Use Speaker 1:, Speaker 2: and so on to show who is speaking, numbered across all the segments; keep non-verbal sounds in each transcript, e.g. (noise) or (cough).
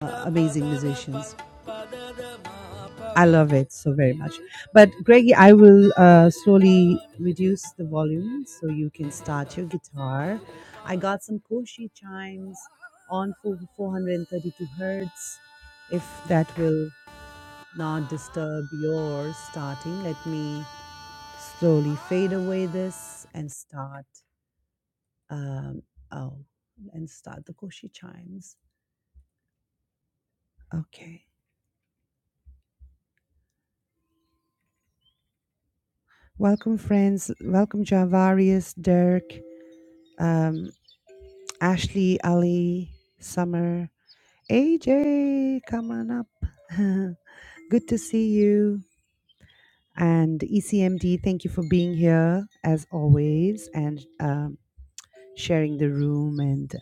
Speaker 1: uh, amazing musicians. I love it so very much. But Greggy, I will uh, slowly reduce the volume so you can start your guitar. I got some Koshi chimes on four- 432 hertz. If that will not disturb your starting, let me slowly fade away this and start. Um, oh, and start the Koshi chimes. Okay. Welcome, friends. Welcome, Javarius, Dirk. Um, Ashley, Ali, Summer, AJ, come on up. (laughs) Good to see you. And ECMD, thank you for being here as always and um, sharing the room and,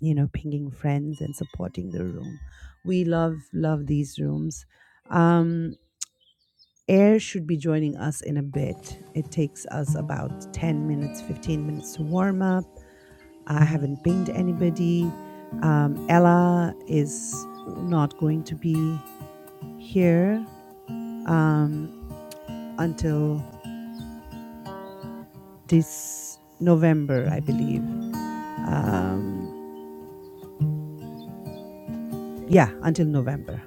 Speaker 1: you know, pinging friends and supporting the room. We love, love these rooms. Um, Air should be joining us in a bit. It takes us about 10 minutes, 15 minutes to warm up I haven't pinged anybody. Um, Ella is not going to be here um, until this November, I believe. Um, yeah, until November.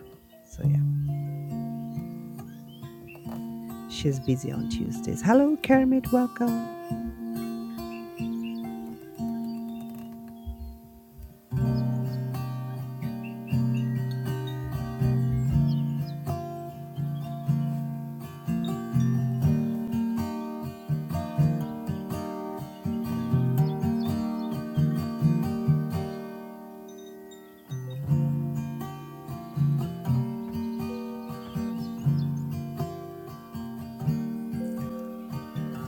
Speaker 1: So, yeah, she's busy on Tuesdays. Hello, Kermit. Welcome.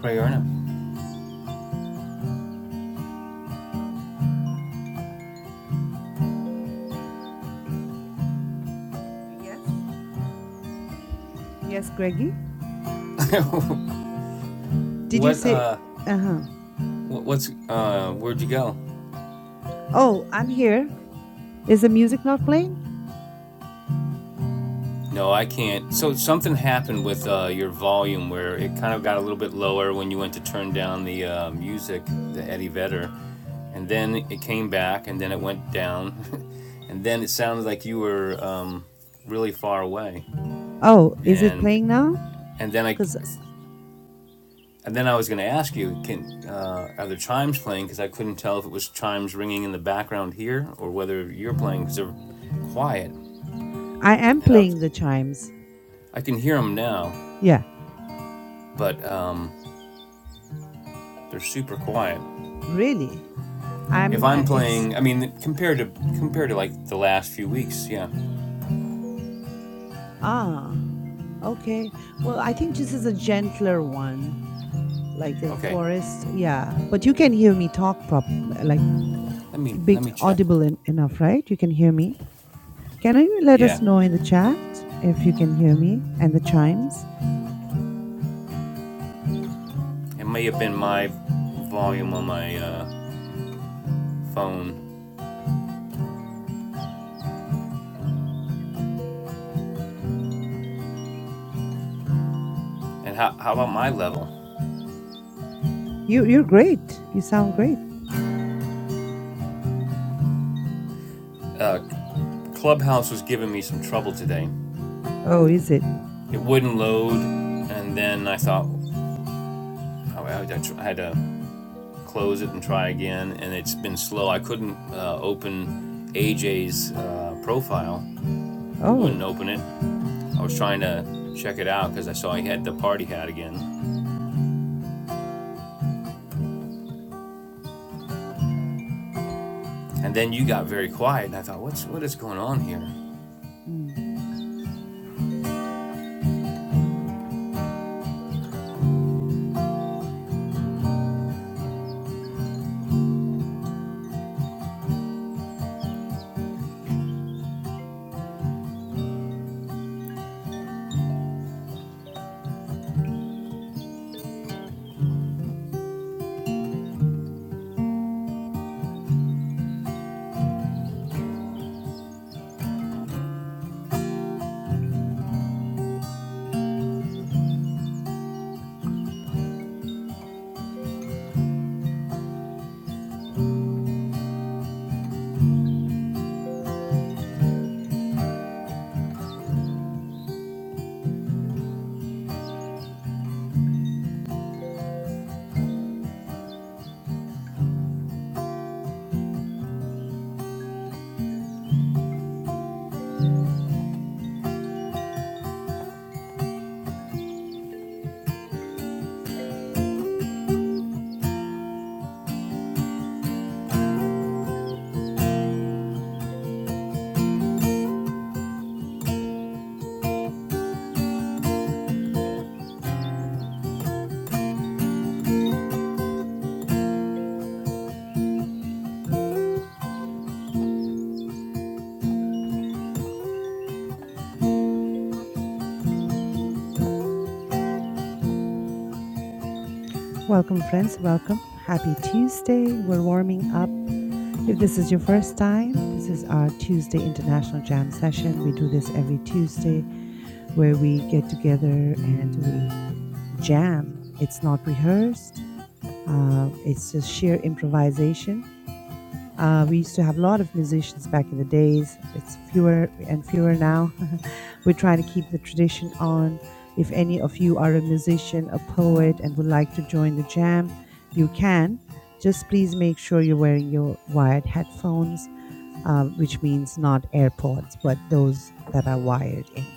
Speaker 2: Right, you (laughs)
Speaker 1: Yes. Yes, Greggy. Did you
Speaker 2: what,
Speaker 1: say?
Speaker 2: uh,
Speaker 1: Uh huh.
Speaker 2: what, what's, uh, where'd you go?
Speaker 1: Oh, I'm here. Is the music not playing?
Speaker 2: No, I can't. So something happened with uh, your volume where it kind of got a little bit lower when you went to turn down the uh, music, the Eddie Vedder, and then it came back, and then it went down, (laughs) and then it sounded like you were um, really far away,
Speaker 1: Oh, is it playing
Speaker 2: and
Speaker 1: now?
Speaker 2: and then I
Speaker 1: Because
Speaker 2: And then I was going to ask you, can uh, are the chimes playing? Because I couldn't tell if it was chimes ringing in the background here or whether you're playing because they're quiet.
Speaker 1: I am
Speaker 2: And I, was-
Speaker 1: playing the chimes.
Speaker 2: I can hear them now,
Speaker 1: Yeah,
Speaker 2: but um, they're super quiet.
Speaker 1: really.
Speaker 2: If
Speaker 1: I'm. Uh,
Speaker 2: I'm
Speaker 1: it's
Speaker 2: playing, I mean, compared to compared to like the last few weeks, yeah.
Speaker 1: ah okay. Well, I think this is a gentler one, like a
Speaker 2: Okay,
Speaker 1: forest. Yeah, but you can hear me talk prop like
Speaker 2: let me
Speaker 1: big
Speaker 2: let me check.
Speaker 1: audible en- enough, right? You can hear me. Can you let us
Speaker 2: Yeah,
Speaker 1: know in the chat if you can hear me and the chimes?
Speaker 2: it may have been my volume on my uh, phone. And how, how about my level?
Speaker 1: You you're great. You sound great.
Speaker 2: Uh, Clubhouse was giving me some trouble today.
Speaker 1: Oh, is it?
Speaker 2: it wouldn't load, and then I thought oh, I, had to close it and try again, and it's been slow. I couldn't uh, open AJ's uh, profile; it wouldn't
Speaker 1: Oh.
Speaker 2: open it. I was trying to check it out because I saw he had the party hat again, and then you got very quiet, and I thought, what's what is going on here?
Speaker 1: Mm. Welcome friends, welcome. Happy Tuesday. We're warming up. If this is your first time, this is our Tuesday International Jam session. We do this every Tuesday where we get together and we jam. It's not rehearsed. Uh, it's just sheer improvisation. Uh, we used to have a lot of musicians back in the days. It's fewer and fewer now. (laughs) We're trying to keep the tradition on. If any of you are a musician, a poet, and would like to join the jam, you can. Just please make sure you're wearing your wired headphones, uh, which means not AirPods, but those that are wired in.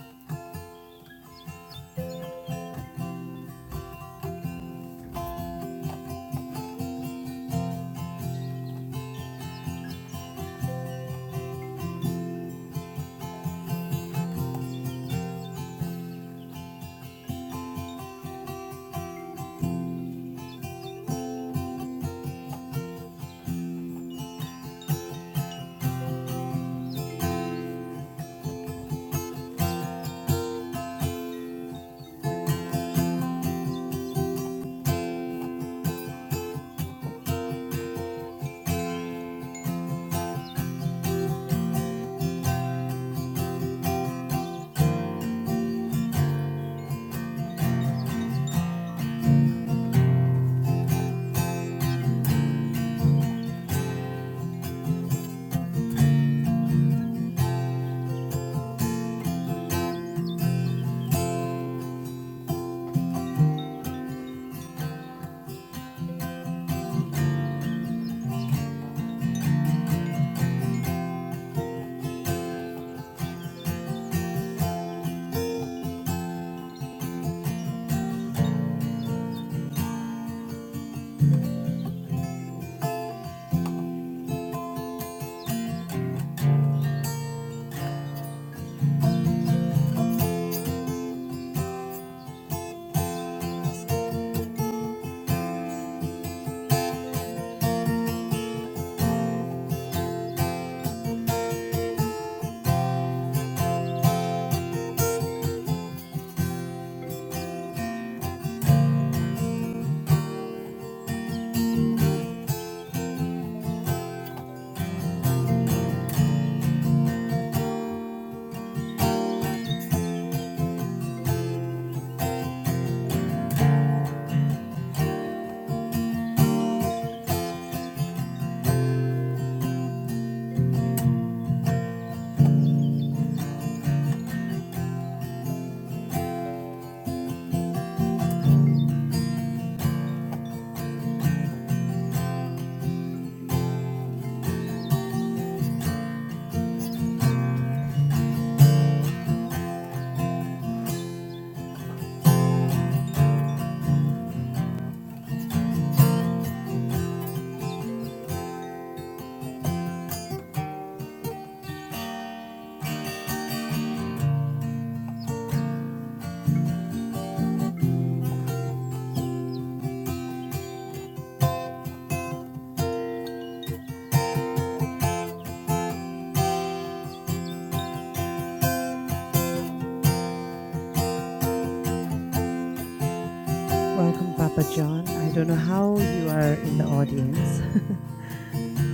Speaker 1: Welcome, Papa John. I don't know how you are in the audience. (laughs)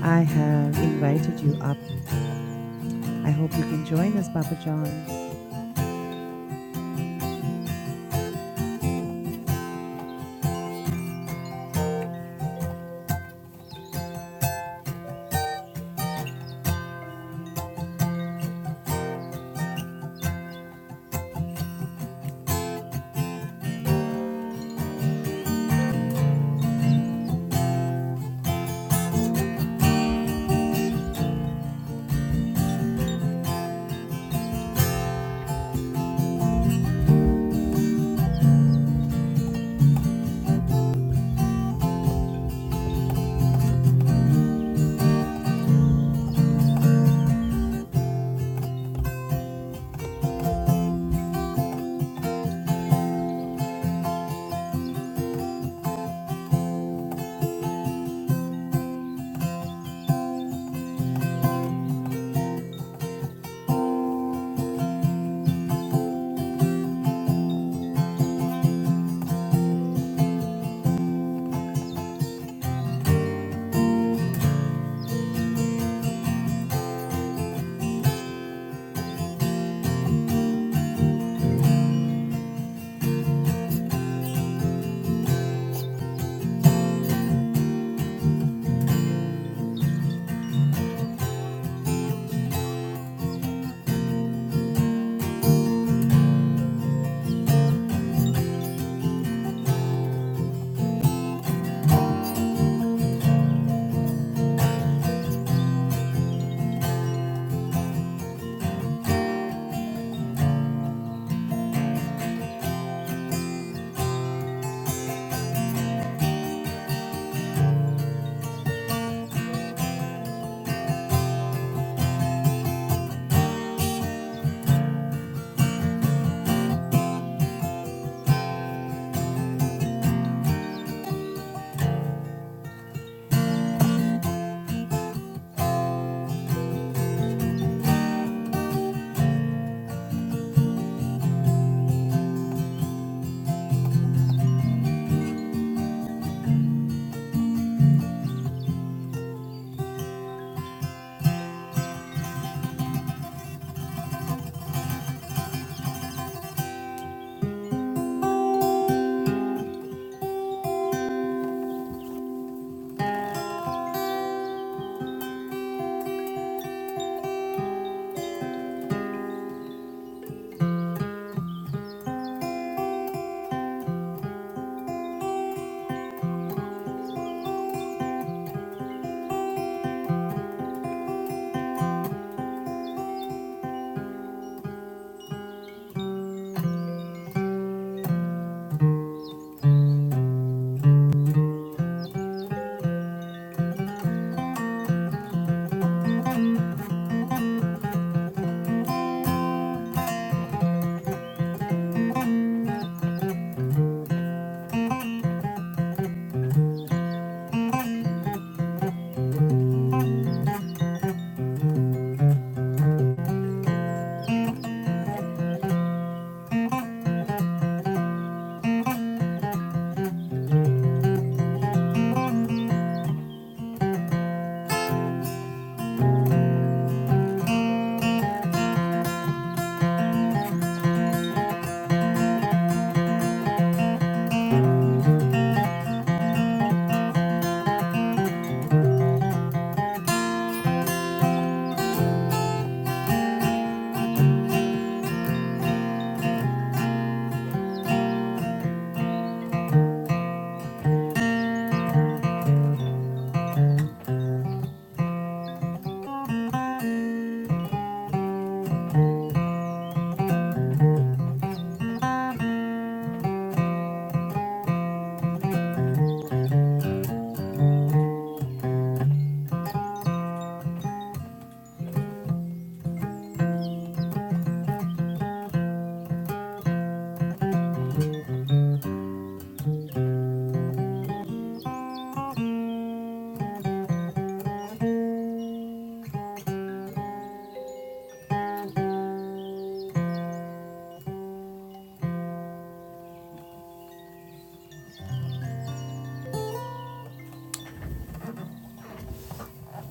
Speaker 1: I have invited you up. I hope you can join us, Papa John.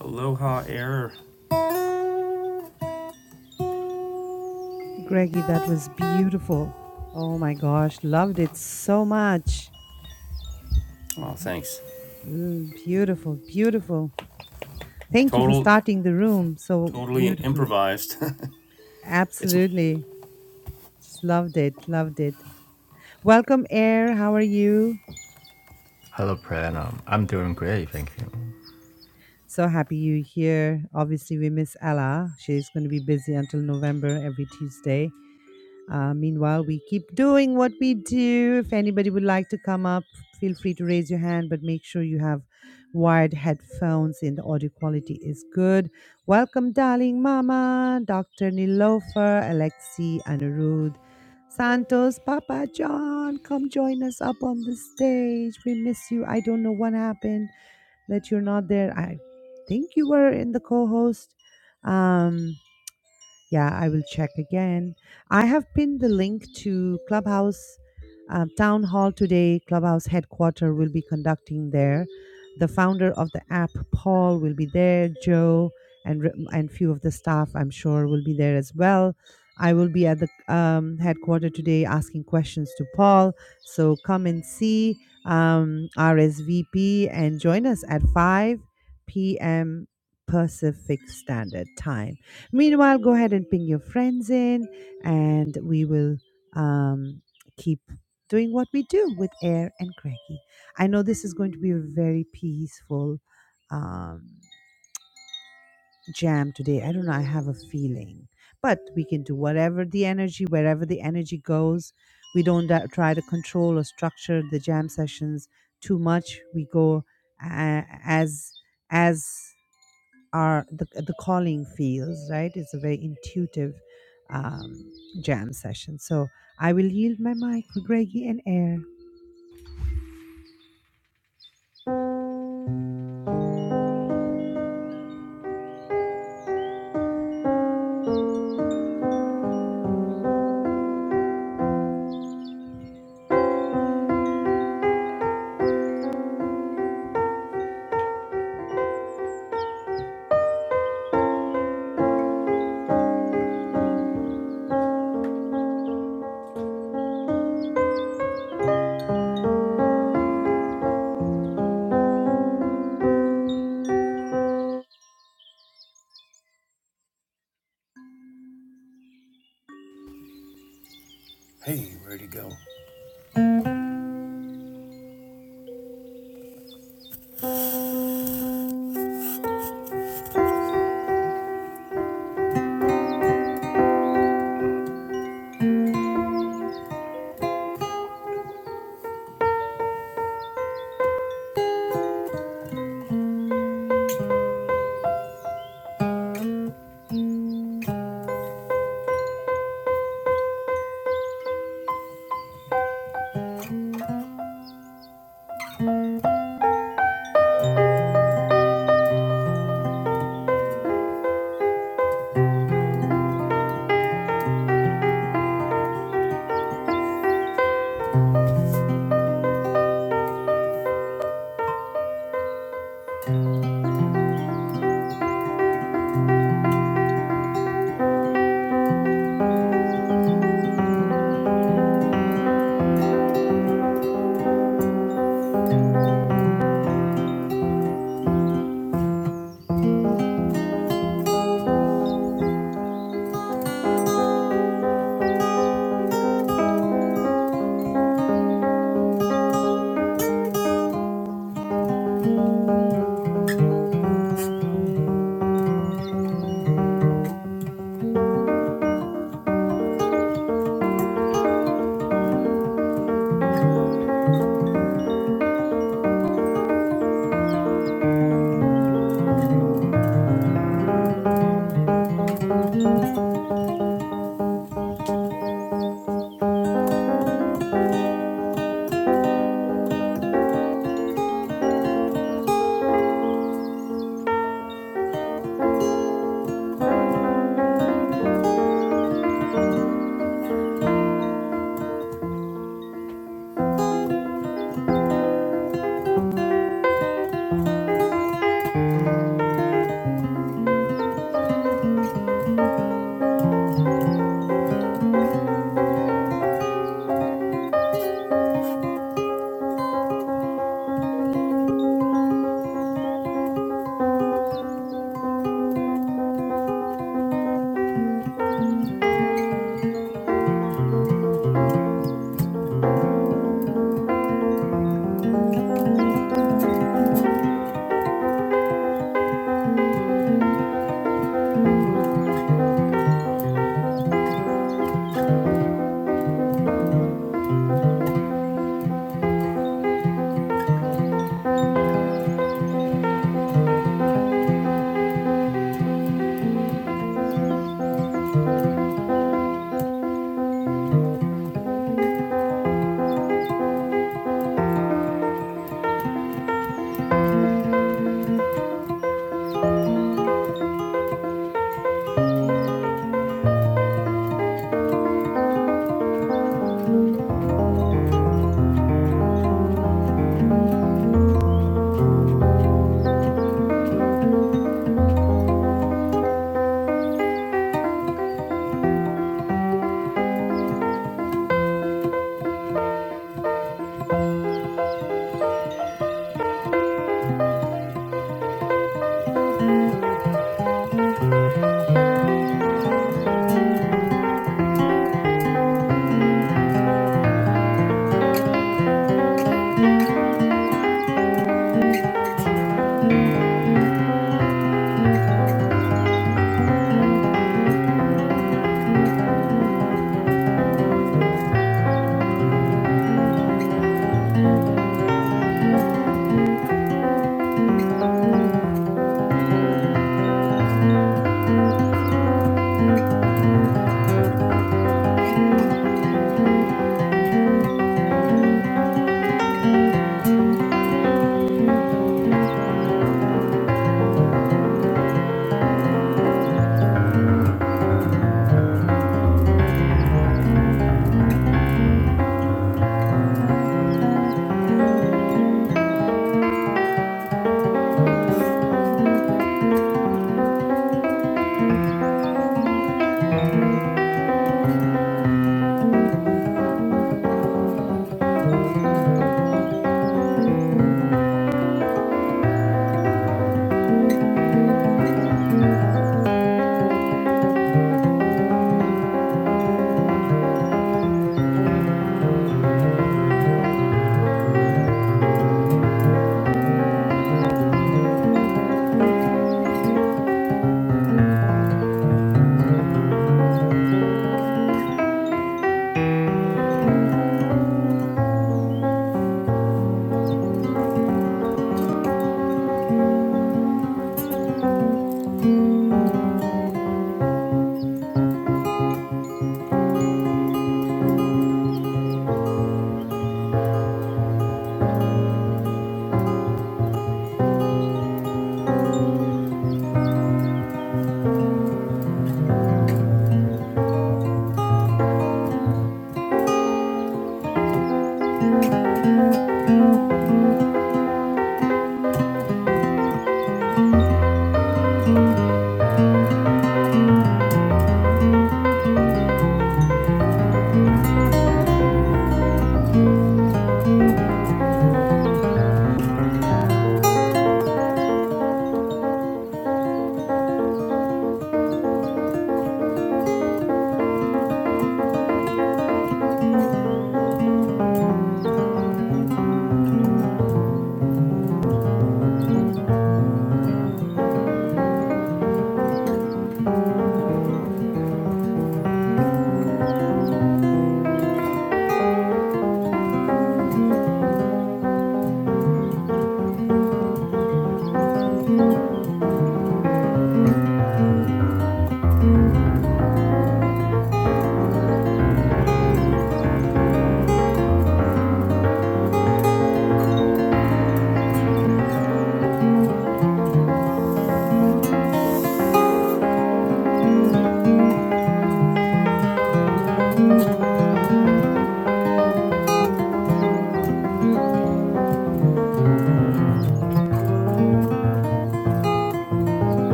Speaker 2: Aloha error.
Speaker 1: Greggy, that was beautiful. Oh my gosh, loved it so much.
Speaker 2: Oh, thanks.
Speaker 1: Mm, beautiful, beautiful. Thank you for
Speaker 2: Total,
Speaker 1: starting the room so
Speaker 2: totally
Speaker 1: beautifully.
Speaker 2: improvised. (laughs) it's
Speaker 1: Absolutely. Just loved it, loved it. Welcome, Air. How are you?
Speaker 3: Hello, Pranam. I'm doing great, thank you.
Speaker 1: So happy you're here. Obviously, we miss Ella. She's going to be busy until November every Tuesday. Uh, meanwhile, we keep doing what we do. If anybody would like to come up, feel free to raise your hand, but make sure you have wired headphones and the audio quality is good. Welcome, darling Mama, Dr. Nilofer, Alexi, Anirudh, Santos, Papa John. Come join us up on the stage. We miss you. I don't know what happened that you're not there. I think you were in the co host. Um, yeah, I will check again. I have pinned the link to Clubhouse um, Town Hall today. Clubhouse headquarter will be conducting there. The founder of the app, Paul, will be there. Joe and re- and few of the staff, I'm sure, will be there as well. I will be at the um, headquarter today asking questions to Paul. So come and see um, RSVP and join us at 5 p.m. Pacific Standard Time. Meanwhile, go ahead and ping your friends in, and we will um, keep doing what we do with Air and Cracky. I know this is going to be a very peaceful um, jam today. I don't know, I have a feeling, but we can do whatever the energy, wherever the energy goes. We don't uh, try to control or structure the jam sessions too much. We go uh, as as are the, the calling feels right it's a very intuitive um, jam session so i will yield my mic for greggy and air
Speaker 2: hey, where'd he go?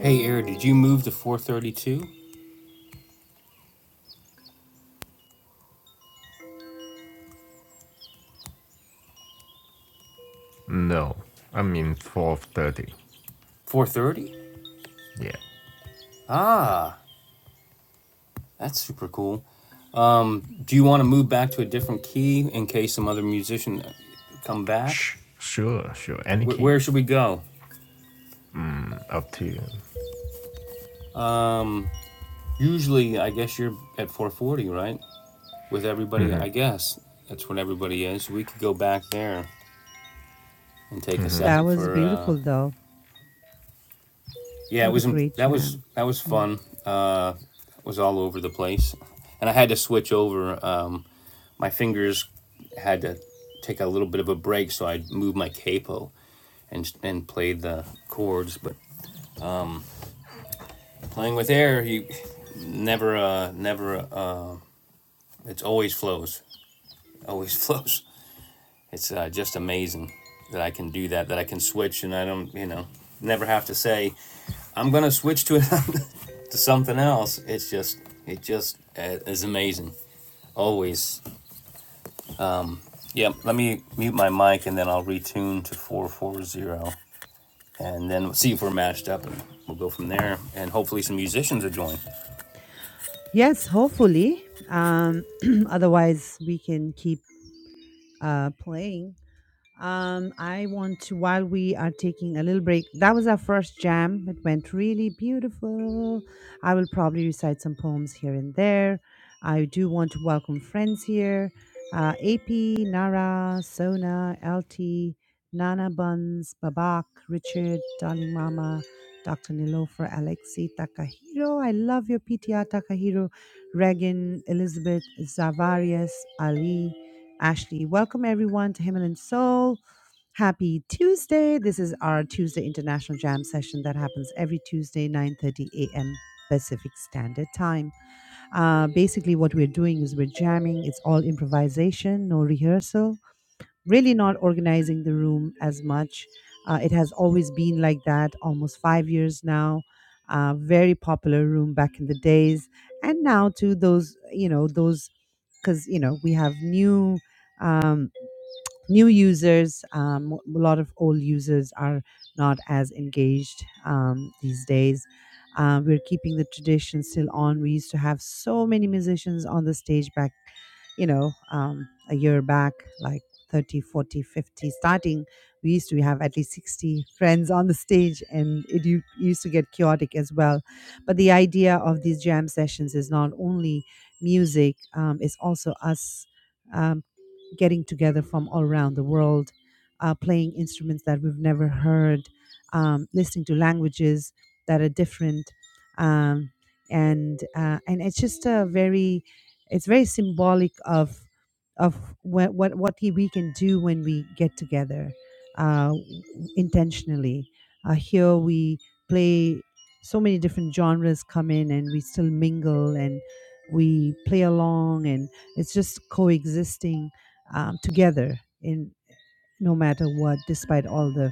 Speaker 2: Hey, Air, did you move to 432?
Speaker 3: No, I mean 4.30.
Speaker 2: 430?
Speaker 3: Yeah.
Speaker 2: Ah, That's super cool. Um, do you want to move back to a different key in case some other musician uh, come back?
Speaker 3: Sh- sure, sure. Any
Speaker 2: Where,
Speaker 3: key?
Speaker 2: where should we go?
Speaker 3: Mm, up to you.
Speaker 2: Um, usually, I guess you're at 440, right? With everybody, I
Speaker 3: Mm-hmm,
Speaker 2: guess that's what everybody is. We could go back there and take a
Speaker 3: mm-hmm.
Speaker 1: that
Speaker 2: second
Speaker 1: was
Speaker 2: for. Uh,
Speaker 1: beautiful though
Speaker 2: yeah, it
Speaker 1: what a
Speaker 2: was in-
Speaker 1: great
Speaker 2: that was
Speaker 1: jam
Speaker 2: that was
Speaker 1: Mm.
Speaker 2: fun. Uh, it was all over the place, and I had to switch over. Um, my fingers had to take a little bit of a break, so I moved my capo and and played the chords. But playing with air, you never uh never uh it's always flows, (laughs) always flows. It's uh, just amazing that I can do that, that I can switch, and I don't you know never have to say I'm gonna switch to (laughs) to something else. It's just it just uh, is amazing. Always. Yep. Let me mute my mic and then I'll retune to four four zero and then we'll see if we're matched up and we'll go from there. And hopefully some musicians will join.
Speaker 1: yes hopefully um, (clears throat) otherwise we can keep uh, playing Um, I want to, while we are taking a little break, that was our first jam. It went really beautiful. I will probably recite some poems here and there. I do want to welcome friends here uh, AP, Nara, Sona, LT, Nana Buns, Babak, Richard, Darling Mama, Dr. Nilofer, Alexi, Takahiro. I love your PTR, Takahiro, Regan, Elizabeth, Zavarius, Ali. Ashley. Welcome everyone to Himalayan Soul. Happy Tuesday. This is our Tuesday International Jam session that happens every Tuesday, 9.30 a.m. Pacific Standard Time. Uh, basically, what we're doing is we're jamming. It's all improvisation, no rehearsal, really not organizing the room as much. Uh, it has always been like that, almost five years now. Uh, very popular room back in the days. And now to those, you know, those, because, you know, we have new Um, new users. Um, a lot of old users are not as engaged um, these days. Uh, we're keeping the tradition still on. We used to have so many musicians on the stage back, you know, um, a year back, like 30, 40, 50. starting. We used to have at least 60 friends on the stage, and it u- used to get chaotic as well. But the idea of these jam sessions is not only music, um, it's also us. um, getting together from all around the world, uh, playing instruments that we've never heard, um, listening to languages that are different, um, and uh, and it's just a very it's very symbolic of of what what, what we can do when we get together uh, intentionally. Uh, here we play so many different genres come in and we still mingle and we play along and it's just coexisting um, together in no matter what, despite all the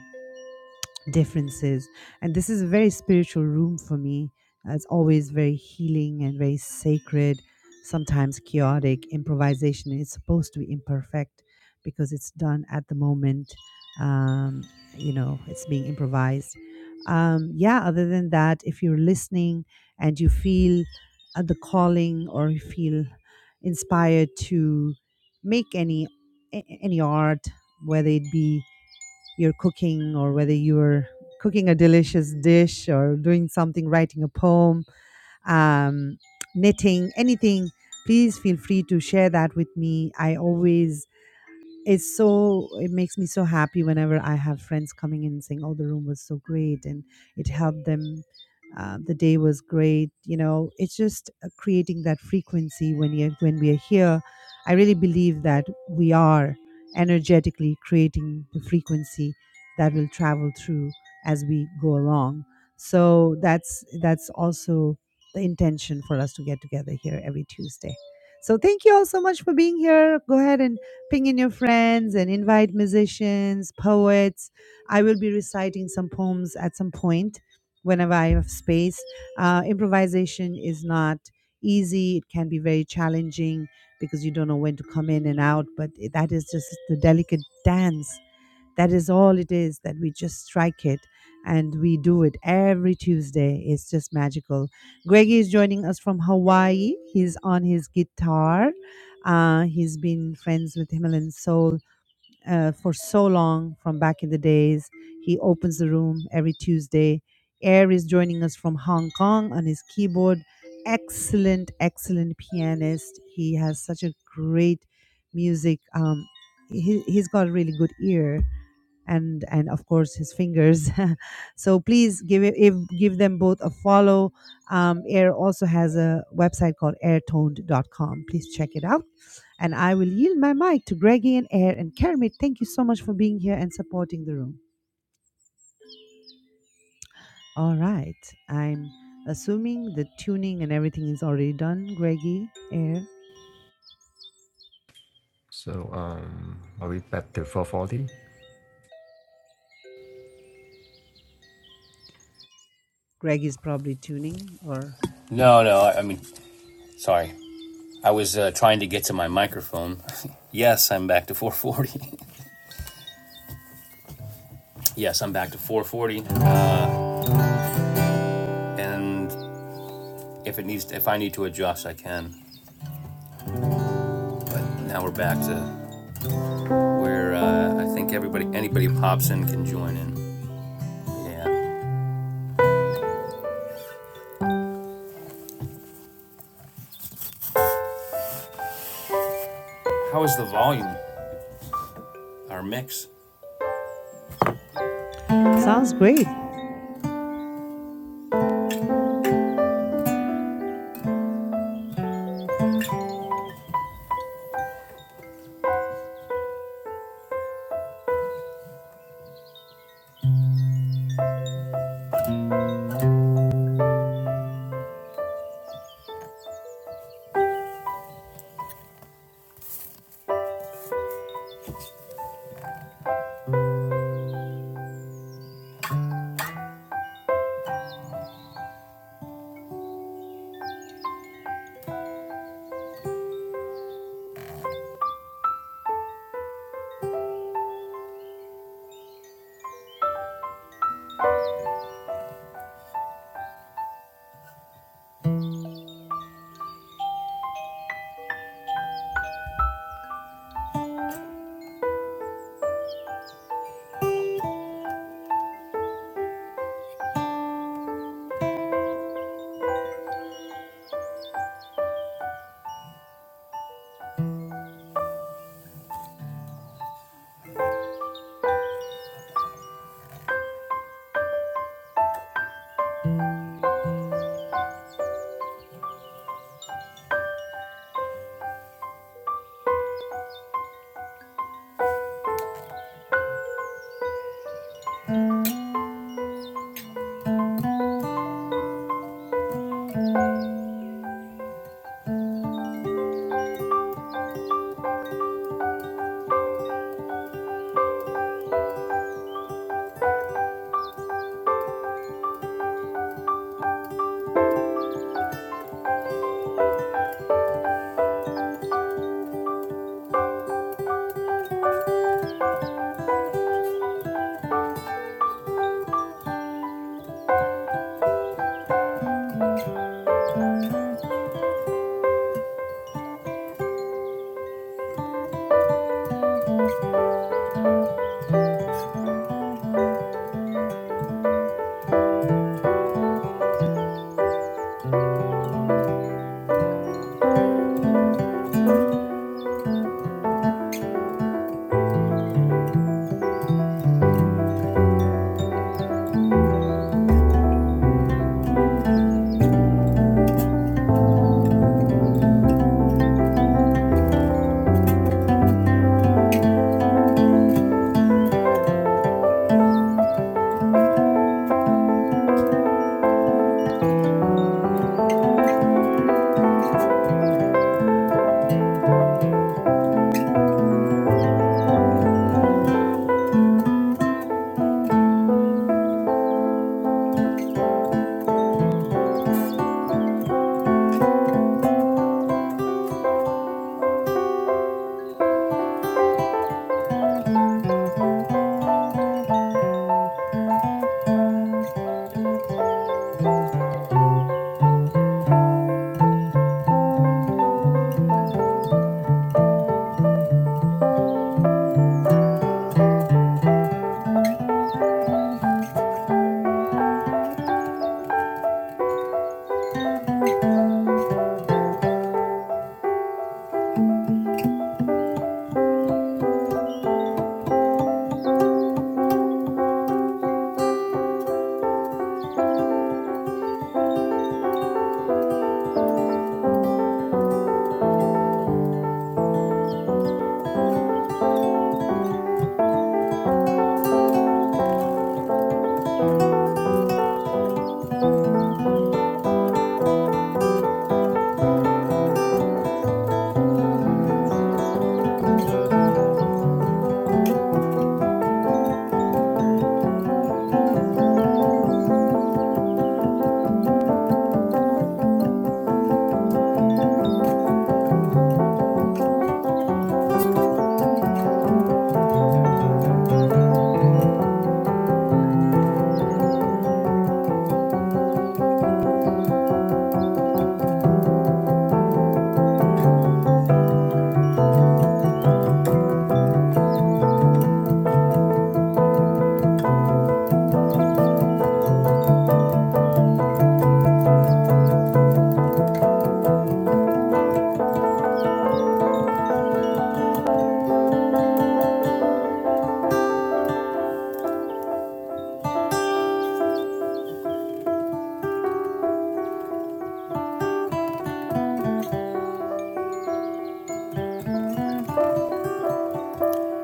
Speaker 1: differences. And this is a very spiritual room for me. Uh, It's always very healing and very sacred, sometimes chaotic. Improvisation is supposed to be imperfect because it's done at the moment. Um, you know, it's being improvised. Um, yeah, other than that, if you're listening and you feel uh, the calling or you feel inspired to make any a- any art, whether it be you're cooking or whether you're cooking a delicious dish or doing something, writing a poem, um, knitting, anything, please feel free to share that with me. I always it's so it makes me so happy whenever I have friends coming in and saying, "Oh, the room was so great, and it helped them. Uh, the day was great." You know, it's just uh, creating that frequency when you when we are here. I really believe that we are energetically creating the frequency that will travel through as we go along. So that's that's also the intention for us to get together here every Tuesday. So thank you all so much for being here. Go ahead and Ping in your friends and invite musicians, poets. I will be reciting some poems at some point whenever I have space. Uh, improvisation is not easy, it can be very challenging because you don't know when to come in and out, but that is just the delicate dance that is all it is that we just strike it and we do it every Tuesday. It's just magical. Greggy is joining us from Hawaii. He's on his guitar. Uh, he's been friends with Himalayan Soul uh, for so long from back in the days. He opens the room every Tuesday. Air is joining us from Hong Kong on his keyboard. Excellent, excellent pianist. He has such a great music. Um, he, he's got a really good ear and and of course his fingers (laughs) so please give it if, give them both a follow um, air also has a website called airtoned.com please check it out and i will yield my mic to greggy and air and kermit thank you so much for being here and supporting the room all right i'm assuming the tuning and everything is already done greggy air
Speaker 3: So, um, are we back to 4.40?
Speaker 1: greg is probably tuning or
Speaker 2: No, no. I, I mean, sorry. I was uh, trying to get to my microphone. (laughs) yes, I'm back to 440. (laughs) yes, I'm back to 440. And if it needs, if I need to adjust, I can. But now we're back to where uh, I think everybody, anybody who pops in can join in. Yeah. How is the volume? Our mix.
Speaker 1: sounds great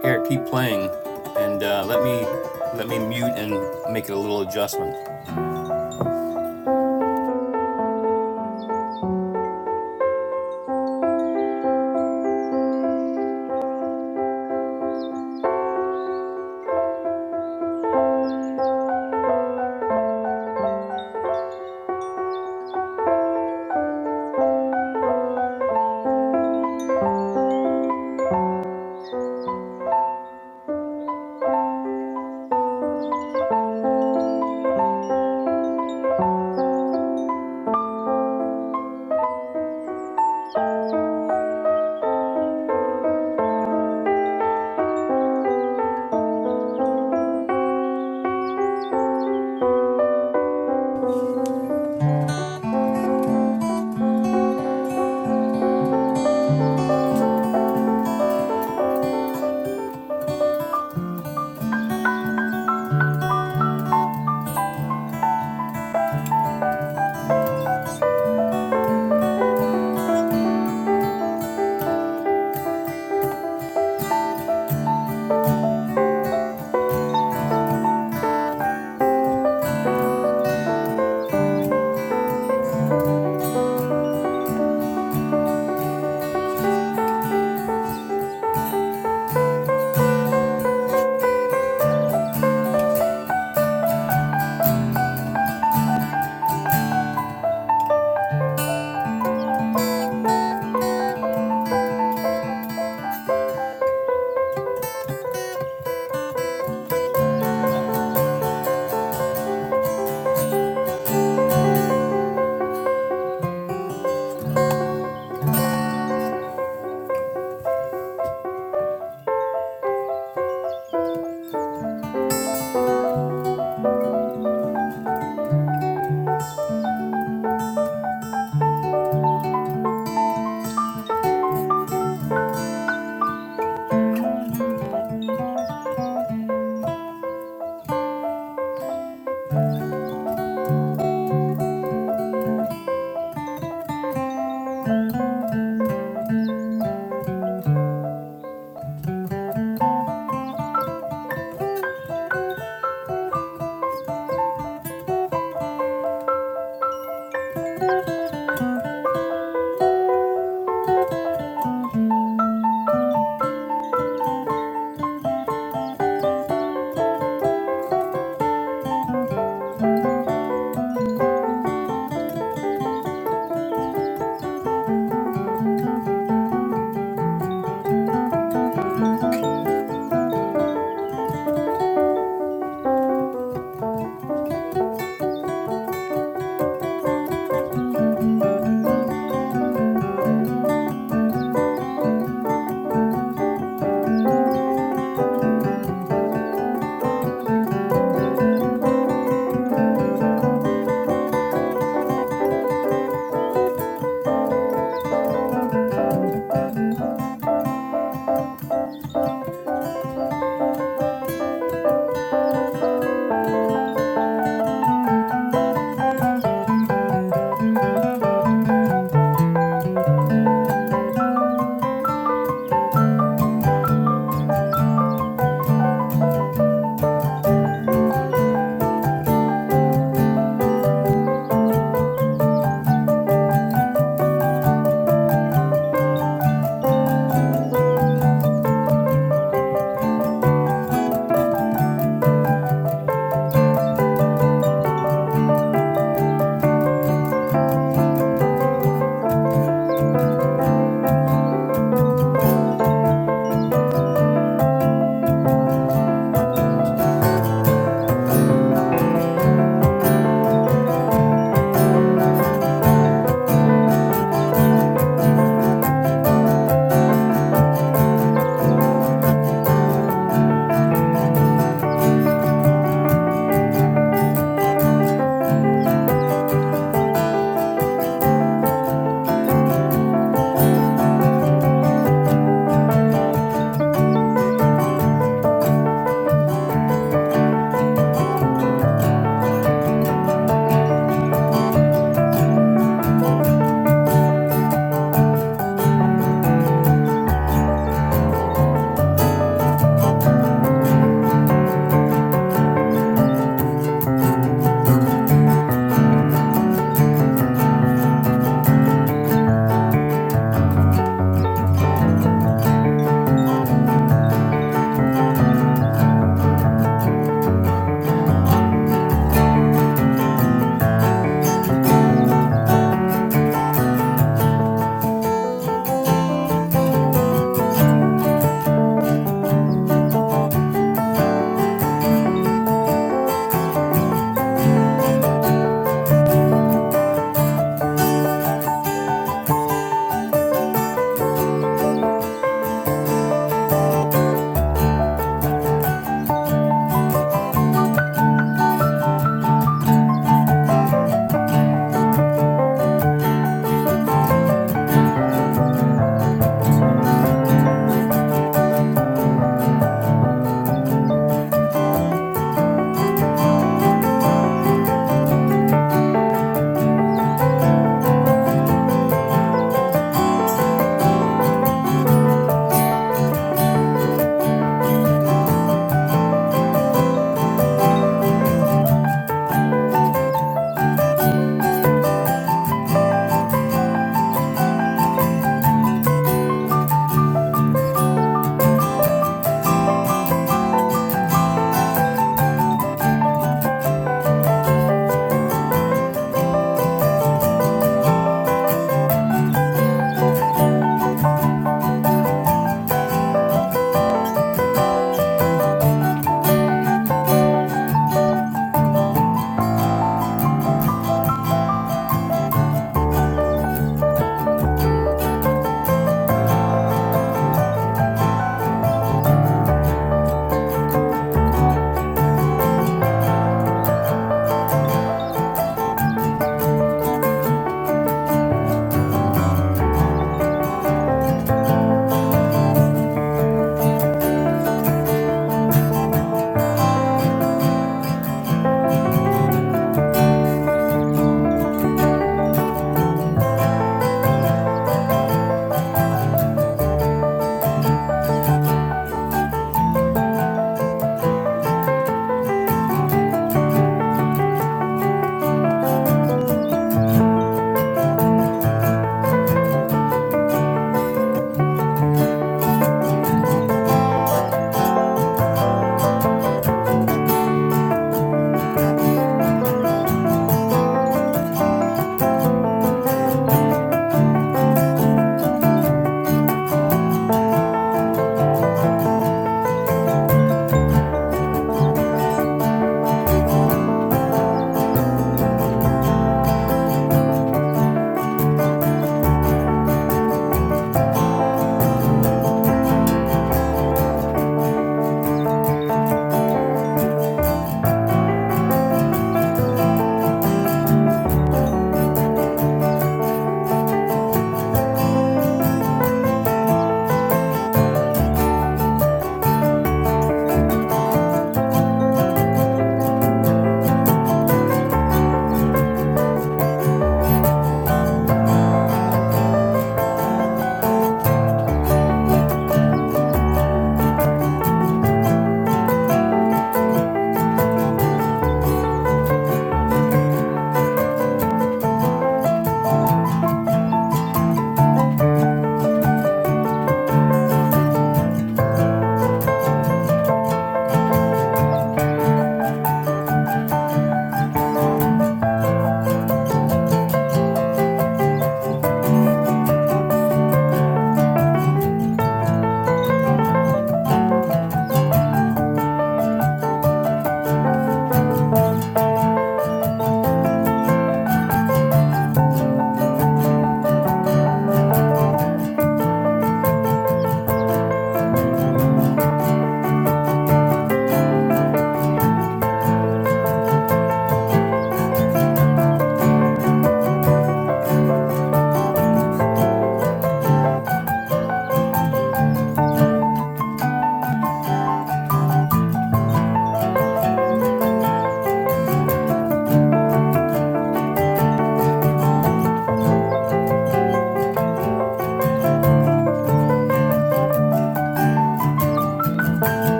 Speaker 2: Here, keep playing, and uh, let me let me mute and make it a little adjustment.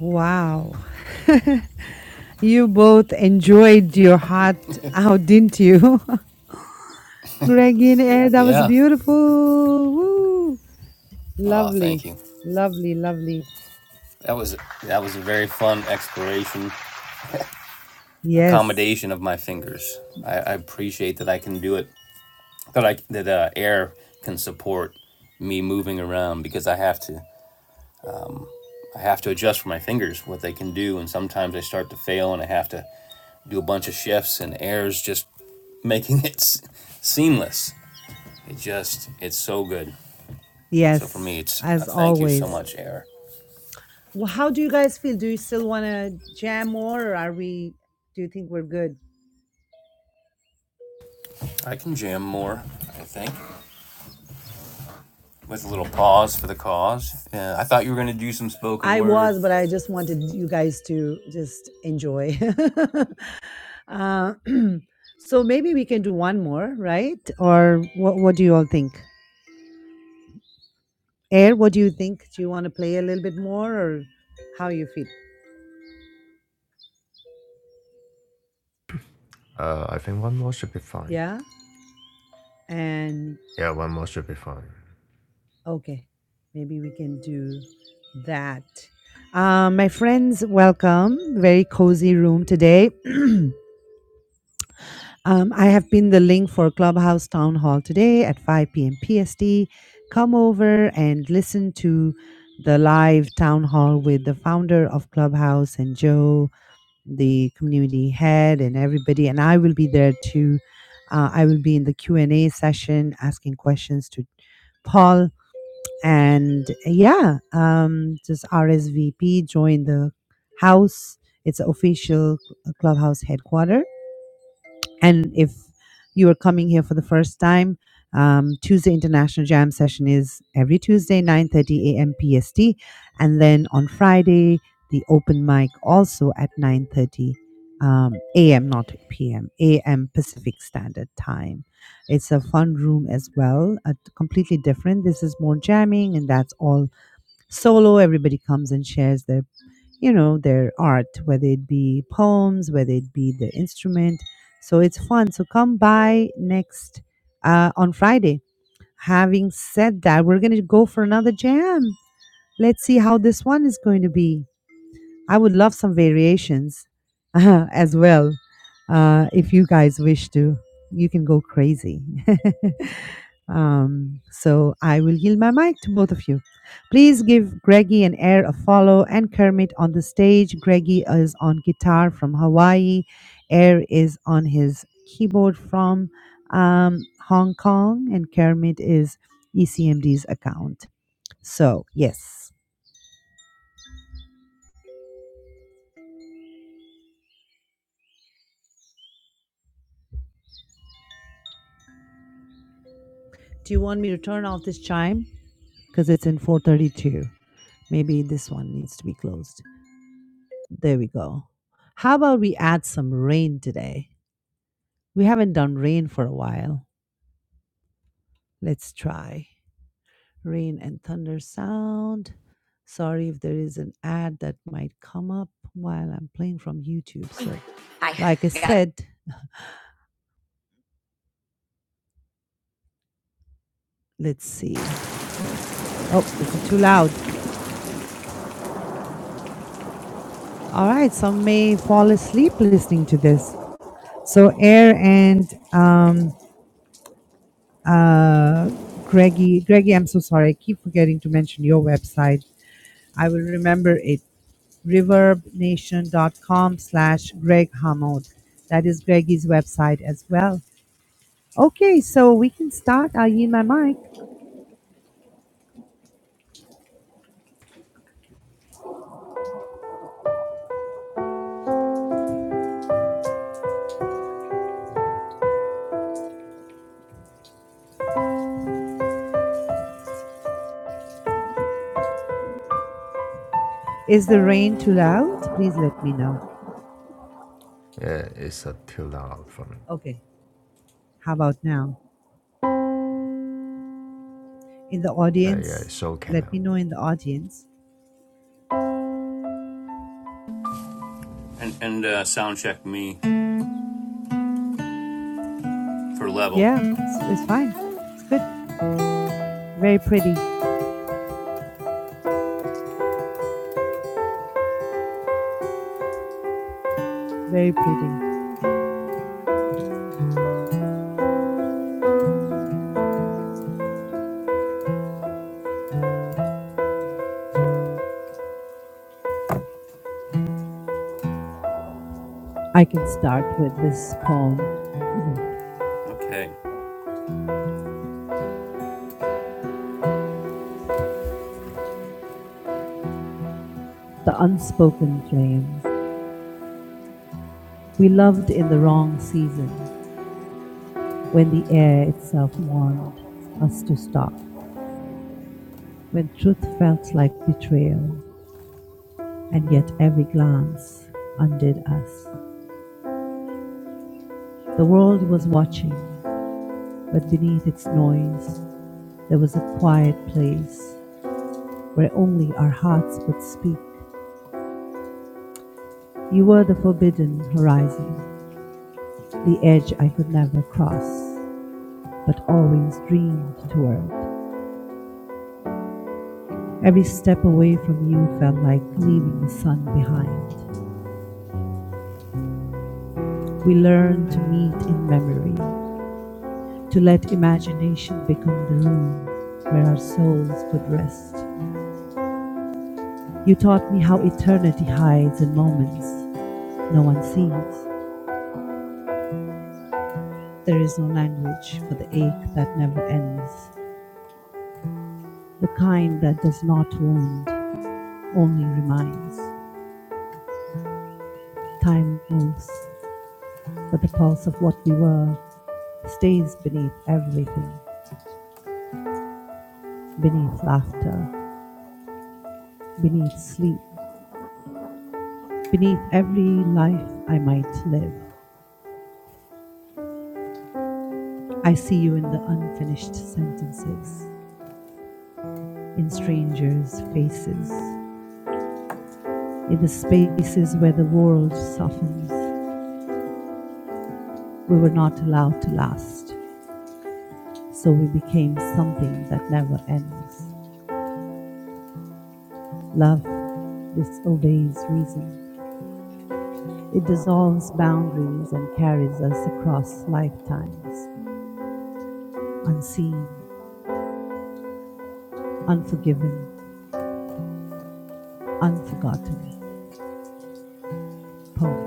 Speaker 1: wow (laughs) You both enjoyed your heart out, didn't you? (laughs) Greg in air, that was
Speaker 2: Yeah.
Speaker 1: beautiful. Woo.
Speaker 2: Oh,
Speaker 1: Lovely,
Speaker 2: thank you.
Speaker 1: lovely, lovely.
Speaker 2: That was that was a very fun exploration
Speaker 1: Yes,
Speaker 2: accommodation of my fingers. I, I appreciate that I can do it. That I that uh, air can support me moving around because I have to. I have to adjust for my fingers what they can do, and sometimes I start to fail, and I have to do a bunch of shifts, and air's just making (laughs) it s- seamless. It just it's so good. So for
Speaker 1: yes,
Speaker 2: me, it's
Speaker 1: as
Speaker 2: a thank you so
Speaker 1: always.
Speaker 2: much, air.
Speaker 1: Well, how do you guys feel? Do you still want to jam more, or are we? Do you think we're good?
Speaker 2: I can jam more, I think, with a little pause for the cause. Uh, I thought you were gonna do some spoken
Speaker 1: I
Speaker 2: word
Speaker 1: was, but I just wanted you guys to just enjoy. (laughs) uh, (clears throat) so maybe we can do one more, right? Or what? What do you all think? Air, what do you think? Do you want to play a little bit more or how you feel?
Speaker 3: Uh, I think one more should be fine.
Speaker 1: Yeah. And
Speaker 3: Yeah, one more should be fine.
Speaker 1: okay, maybe we can do that. Um, my friends, welcome. Very cozy room today. (clears throat) um, I have pinned the link for Clubhouse Town Hall today at 5 p.m. PST. Come over and listen to the live town hall with the founder of Clubhouse and Joe the community head and everybody and i will be there too uh, i will be in the q&a session asking questions to paul and yeah um, just rsvp join the house it's official clubhouse headquarters and if you are coming here for the first time, um, Tuesday International Jam session is every Tuesday, 9.30 a.m. PST. And then on Friday, the open mic also at 9.30 um, a.m., not p.m., a.m. Pacific Standard Time. It's a fun room as well, uh, completely different. This is more jamming and that's all solo. Everybody comes and shares their you know, their art, whether it be poems, whether it be the instrument. So it's fun. So come by next uh, on Friday. Having said that, we're going to go for another jam. Let's see how this one is going to be. I would love some variations (laughs) as well. Uh, if you guys wish to, you can go crazy. (laughs) Um, so I will yield my mic to both of you. Please give Greggy and Air a follow and Kermit on the stage. Greggy is on guitar from Hawaii. Air is on his keyboard from um, Hong Kong. And Kermit is ECMD's account. So, yes. Do you want me to turn off this chime? Because it's in 432. Maybe this one needs to be closed. There we go. How about we add some rain today? We haven't done rain for a while. Let's try. Rain and thunder sound. Sorry if there is an ad that might come up while I'm playing from YouTube. So, I like I got said, let's see. Oh, this is too loud. All right, some may fall asleep listening to this. So, Air and um, uh, Greggy, Greggy, I'm so sorry. I keep forgetting to mention your website. I will remember it reverbnation.com slash Greg Hammond. That is Greggy's website as well. Okay, so we can start. I'll yield my mic. Is the rain too loud? Please let me know.
Speaker 3: Yeah, it's a too loud for me.
Speaker 1: Okay, how about now? In the
Speaker 3: Uh, yeah,
Speaker 1: audience,
Speaker 3: it's okay
Speaker 1: let
Speaker 3: now.
Speaker 1: me know in the audience.
Speaker 2: and and uh, sound check me. for level.
Speaker 1: Yeah, it's, it's fine. It's good. Very pretty. Very pretty. I can start with this poem
Speaker 2: Okay,
Speaker 1: The Unspoken Flame. We loved in the wrong season. when the air itself warned us to stop, when truth felt like betrayal, and yet every glance undid us. The world was watching, but beneath its noise there was a quiet place where only our hearts could speak. You were the forbidden horizon, the edge I could never cross, but always dreamed toward. Every step away from you felt like leaving the sun behind. We learn to meet in memory, to let imagination become the room where our souls could rest. You taught me how eternity hides in moments no one sees. There is no language for the ache that never ends, the kind that does not wound, only reminds. Time moves, but the pulse of what we were stays beneath everything, beneath laughter, beneath sleep, beneath every life I might live. I see you in the unfinished sentences, in strangers' faces, in the spaces where the world softens. We were not allowed to last, so we became something that never ends. Love disobeys reason. It dissolves boundaries and carries us across lifetimes, unseen, unforgiven, unforgotten. Poem.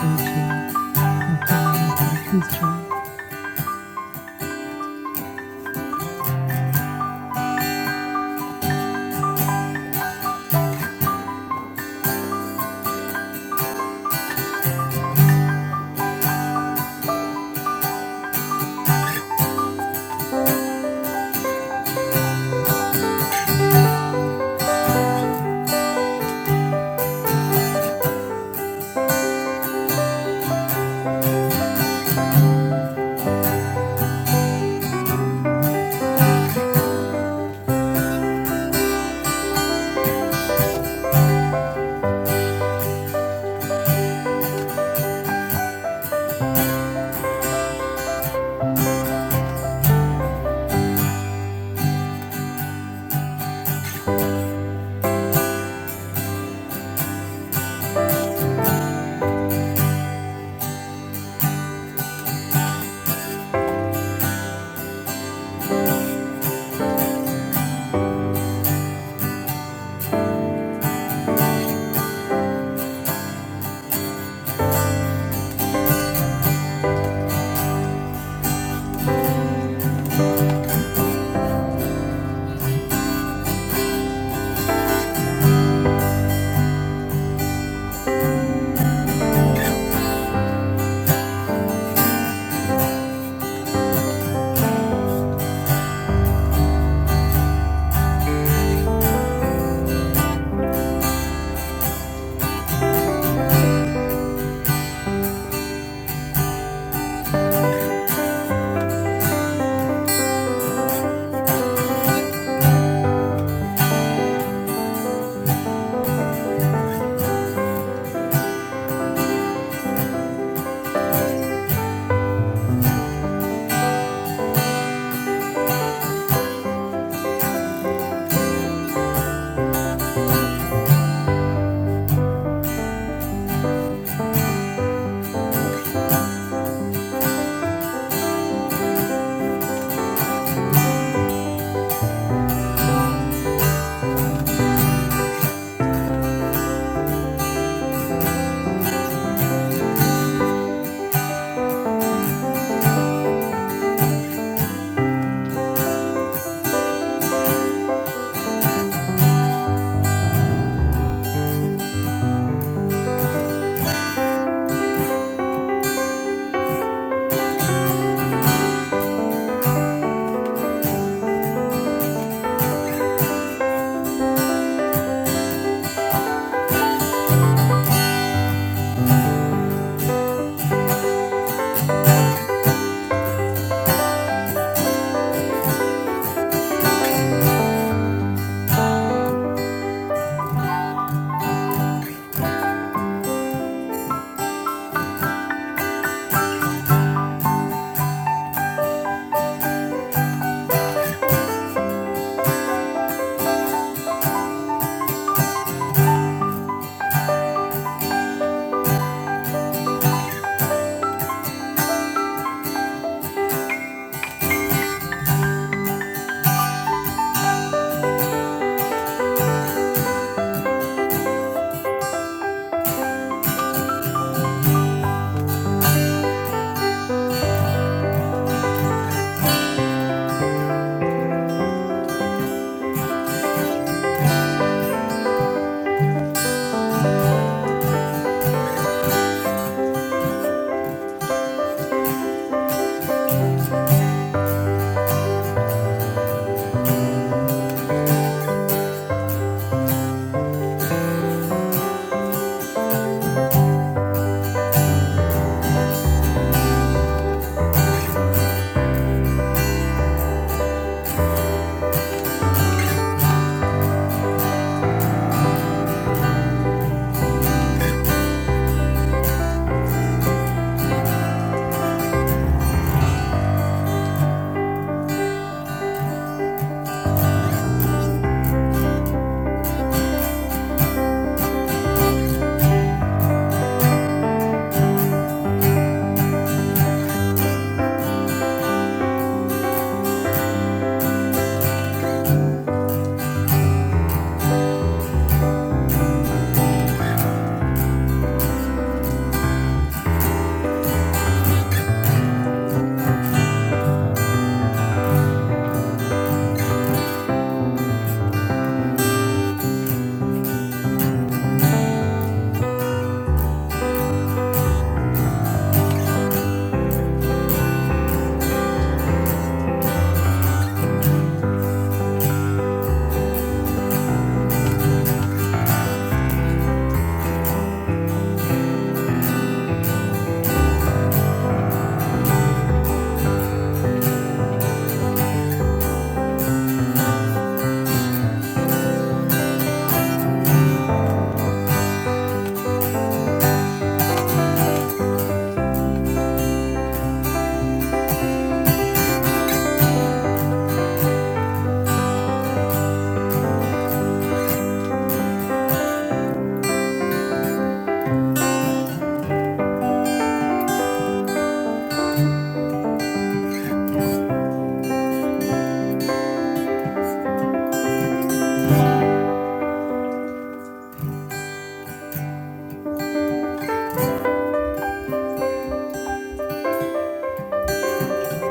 Speaker 1: A.J. Dr. Nilofer, please join.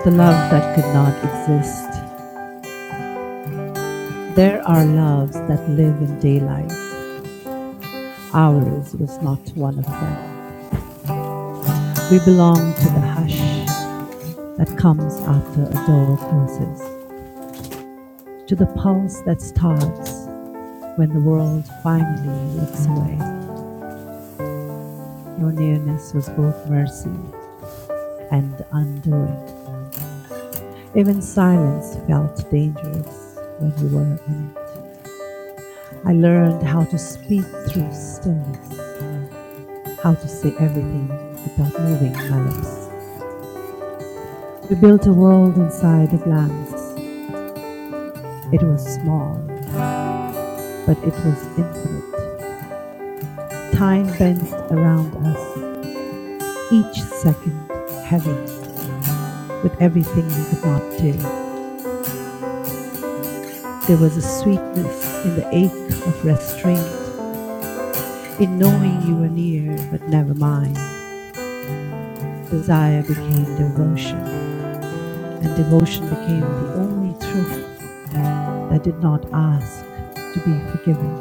Speaker 1: The love that could not exist. There are loves that live in daylight. Ours was not one of them. We belong to the hush that comes after a door closes, to the pulse that starts when the world finally looks away. Your nearness was both mercy and undoing. Even silence felt dangerous when you were in it. I learned how to speak through stillness How to say everything without moving my lips. We built a world inside a glance. It was small, but it was infinite. Time bent around us, each second heavy with everything we could not do. There was a sweetness in the ache of restraint, in knowing you were near, but never mine. Desire became devotion, and devotion became the only truth that did not ask to be forgiven.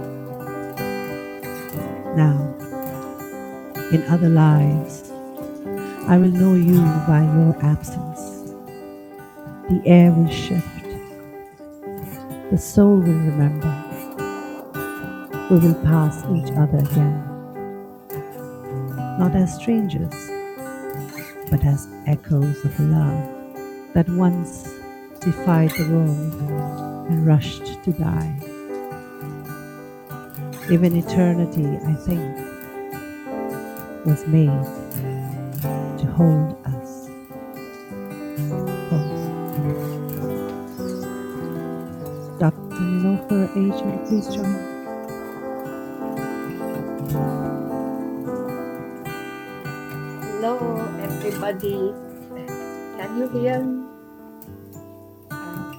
Speaker 1: now in other lives. I will know you by your absence. The air will shift. The soul will remember. We will pass each other again, not as strangers, but as echoes of a love that once defied the world and rushed to die. Even eternity, I think, was made to hold us. Oh, Dr. Nilofer Aging, please join.
Speaker 4: Hello, everybody. Can you hear me? I'm,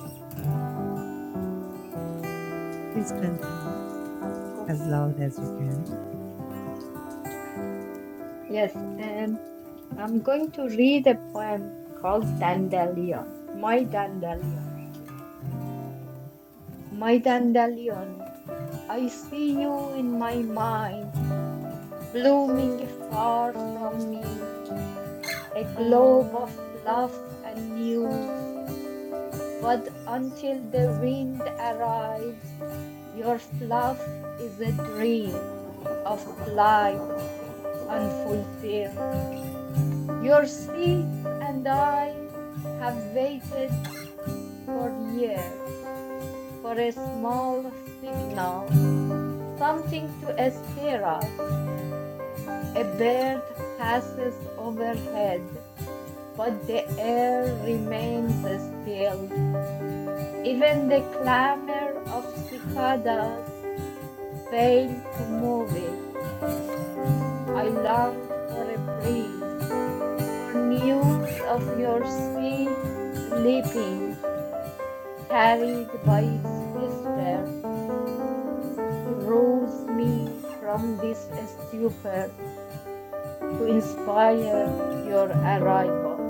Speaker 1: Please continue
Speaker 4: I'm go
Speaker 1: as loud as you can.
Speaker 4: yes, and I'm going to read a poem called Dandelion. My Dandelion. My Dandelion, I see you in my mind, blooming far from me, a globe of love and news. But until the wind arrives, your fluff is a dream of flight unfulfilled. Your seeds and I have waited for years for a small signal, something to stir us. A bird passes overhead, but the air remains still Even the clamor of cicadas failed to move it. I longed for a breeze, for news of your seeds leaping, carried by its whisper, to rouse me from this stupor, to inspire your arrival.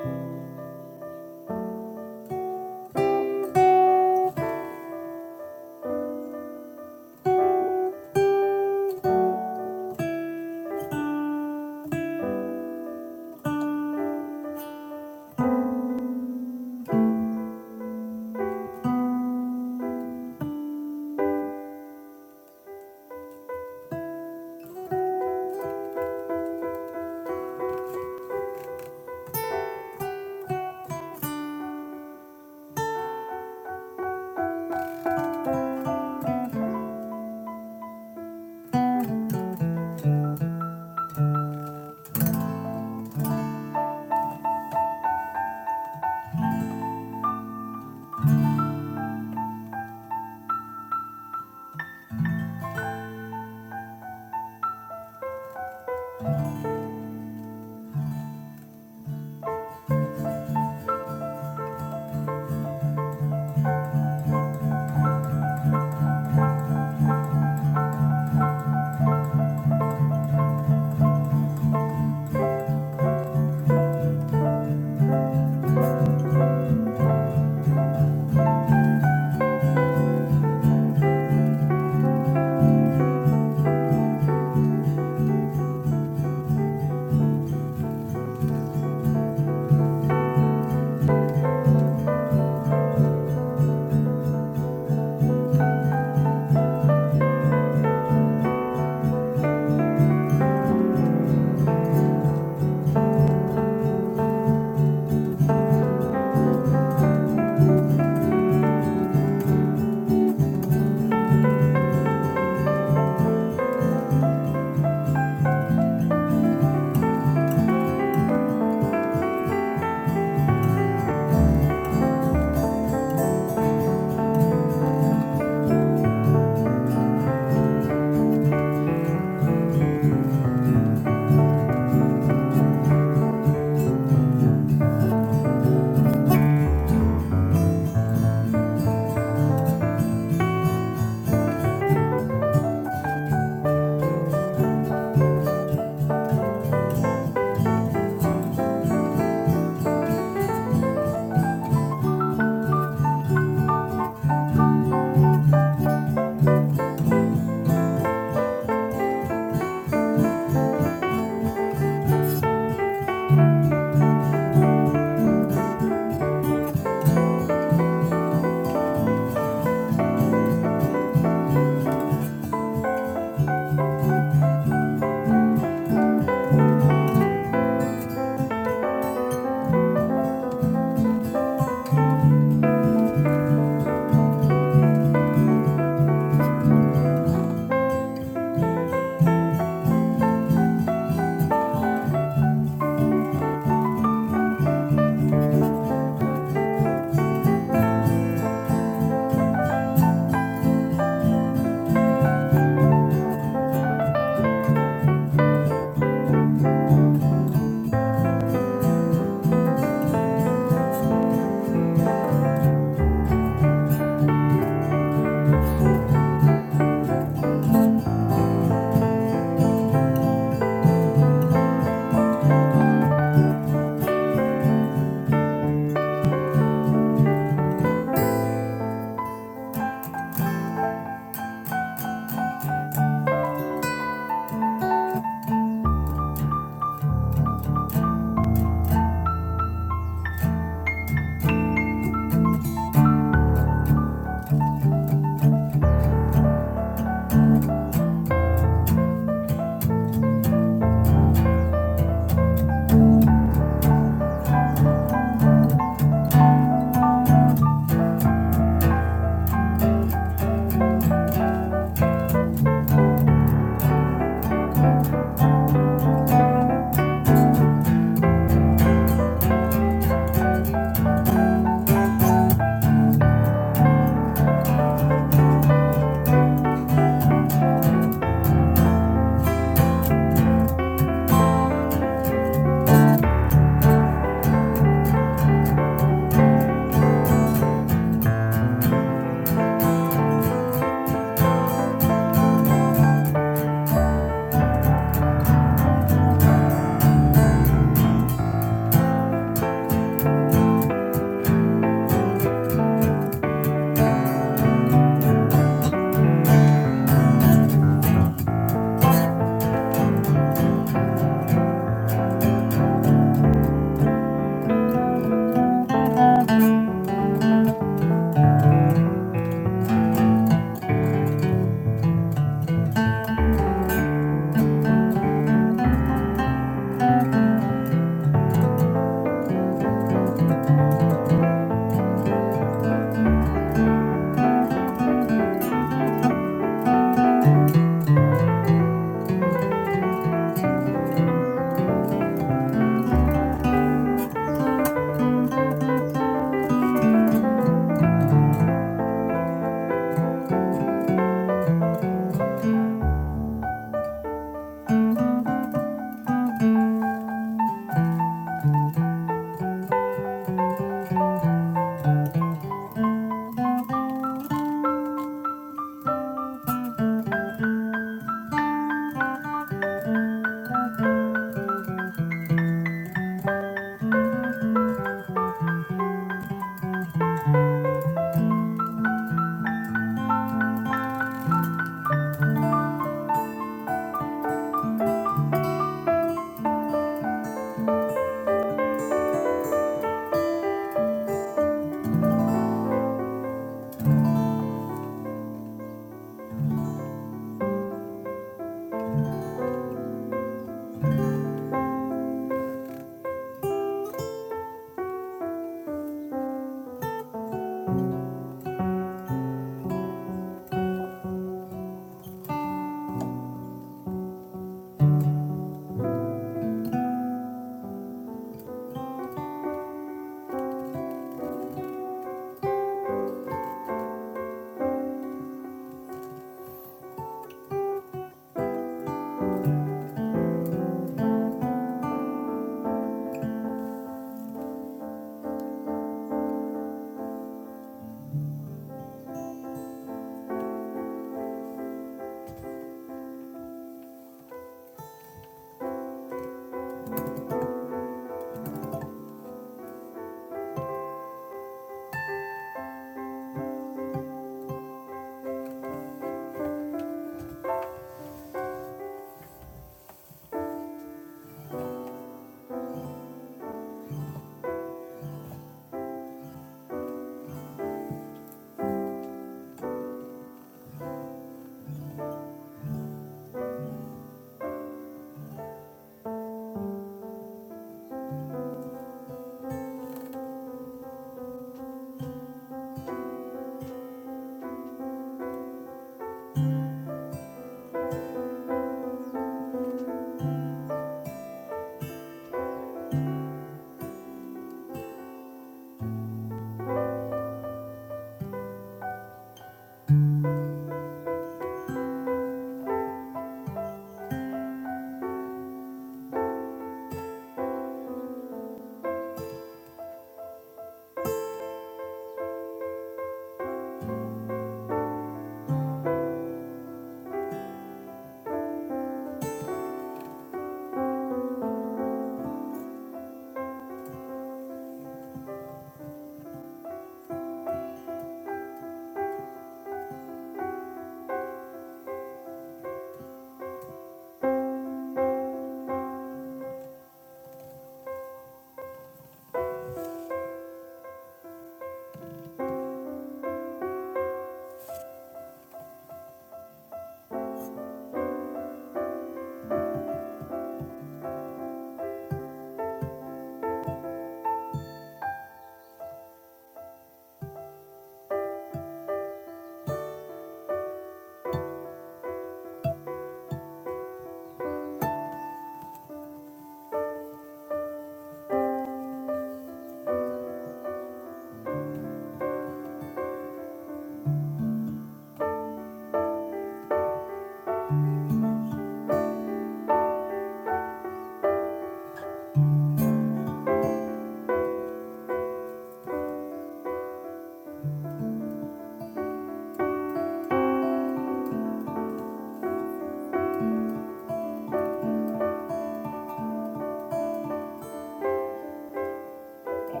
Speaker 5: Lord, I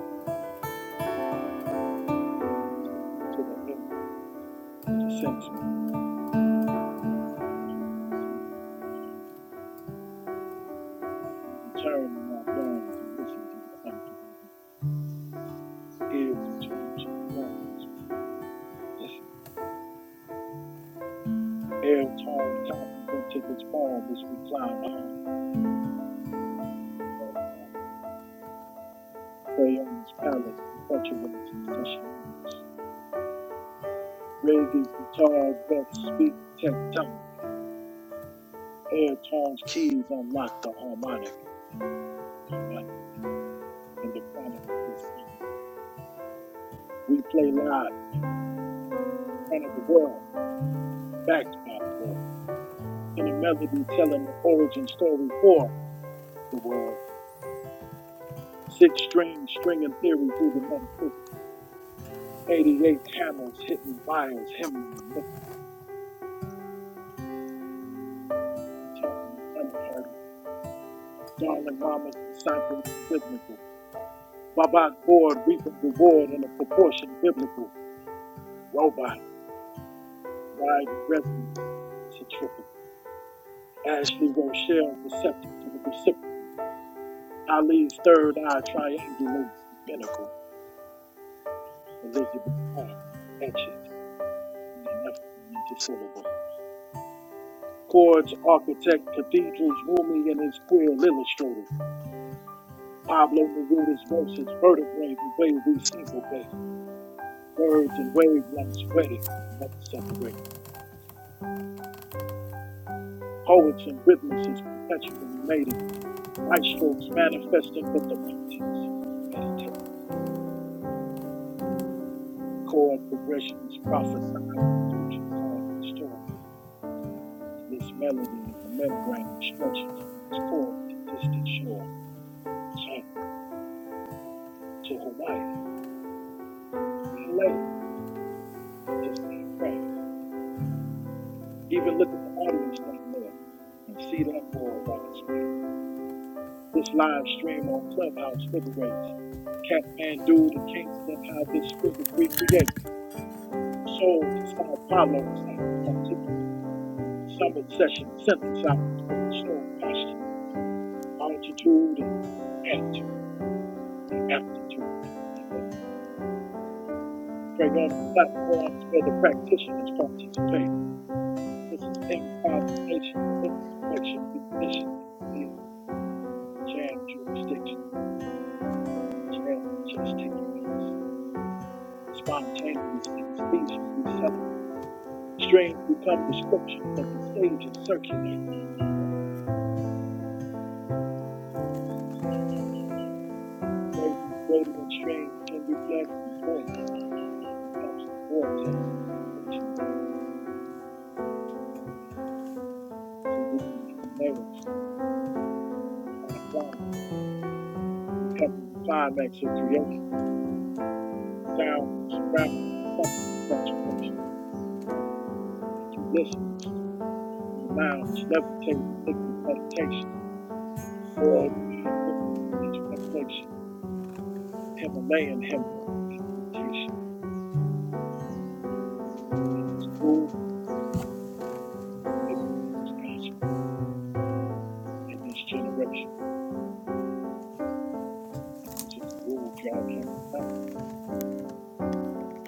Speaker 5: take me to the earth that ascends me. You return my yarn to listen to the unforgiven. Ears return to the darkness. Listen. Air turned compliment to this poem is reclined on. Play on this palace perpetuates the session. Reggae's guitar vets speak tectonic. Air turns keys unlock the harmonic. In the chronic of this scene. We play live in front of the world, backed by the world. in a melody telling the origin story for the world. Six strings stringing theory through the metaphysical. 88 hammers hitting wires, hymning and mythical, chanting and unheard. Darling mamas deciphering the biblical. Babak board reaping reward in a proportion biblical. Robot riding resonance centrifugal. Ashley Rochelle receptive to the recipient. Ali's third eye triangulates the pinnacle. Elizabeth Park etches the ineffable into syllable. Chords, architect, cathedrals, Rumi and his quill illustrated. Pablo Neruda's verses, vertebrae, the way we see the way. Birds and wavelengths wedded, never separated. Poets and rhythmists perpetually mating. Maestros manifesting with the mountains. Meditate. Chord progressions prophesied the future song and story. This melody is a membrane stretching from its core to distant shore. China to Hawaii, LA to San Fran. Even look at the audience down there and see that worldwide man. This live stream on Clubhouse liberates Kathmandu, the Kingston, how this spirit recreates soul to Sao Paulo, sound particular summit session synthesizes with the soul posture, altitude, and attitude, and aptitude. And they pray on the platforms where the practitioners participate. This is improvisation or insurrection ignition, see, jam jurisdiction. with jazz, just taking spontaneous anesthesia with seven strains become descriptions that the sages circulate. As the Gravy's radiant strains can be blessed in voice, becomes the vortex approaching serene and layers on a climb, becoming the climax of creation, sound that surrounds the summit of saturation, and you listeners in the lounge levitating liquid meditation, worldwide witness to this revelation. Himalayan hymnal in mutation, And this rule is in this gospel in this generation. And this is the rule y'all can't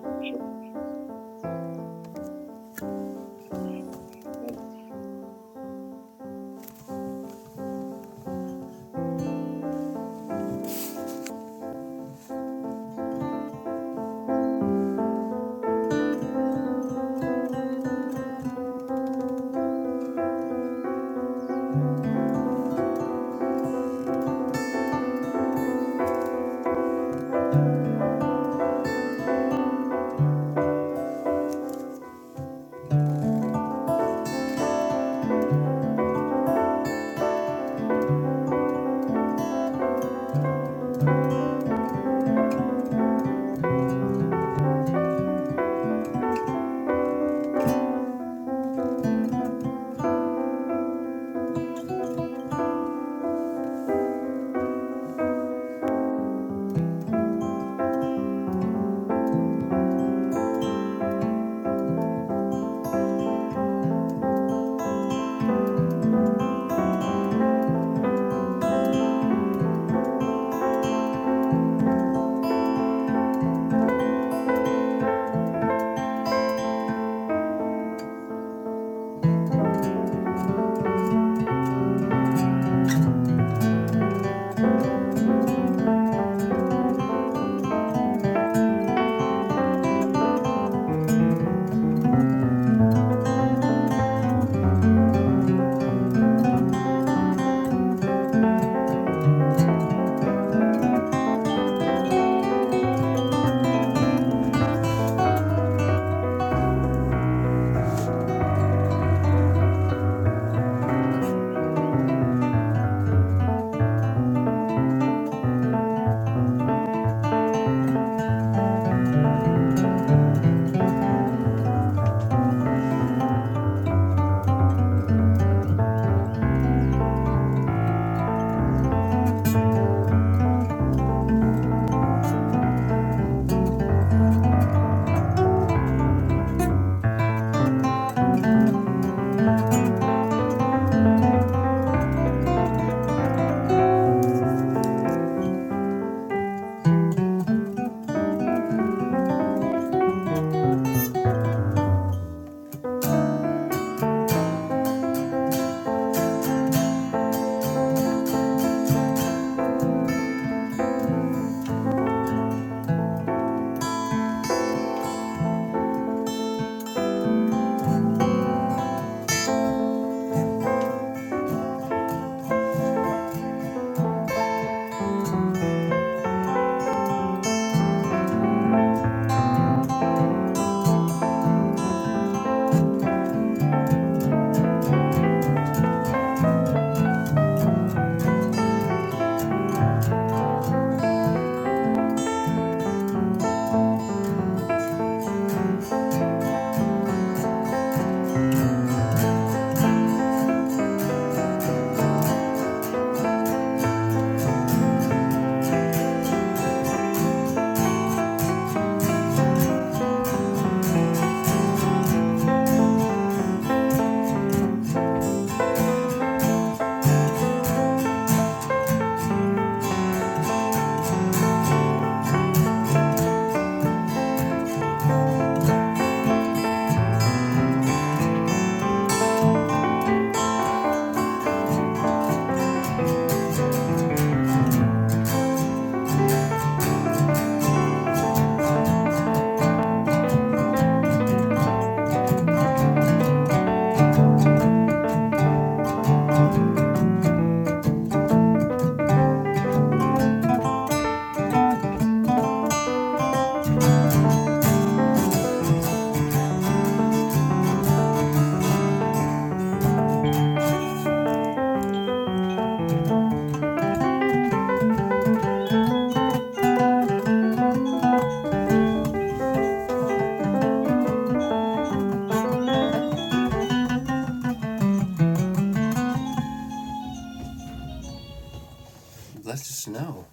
Speaker 5: So
Speaker 2: let us just know.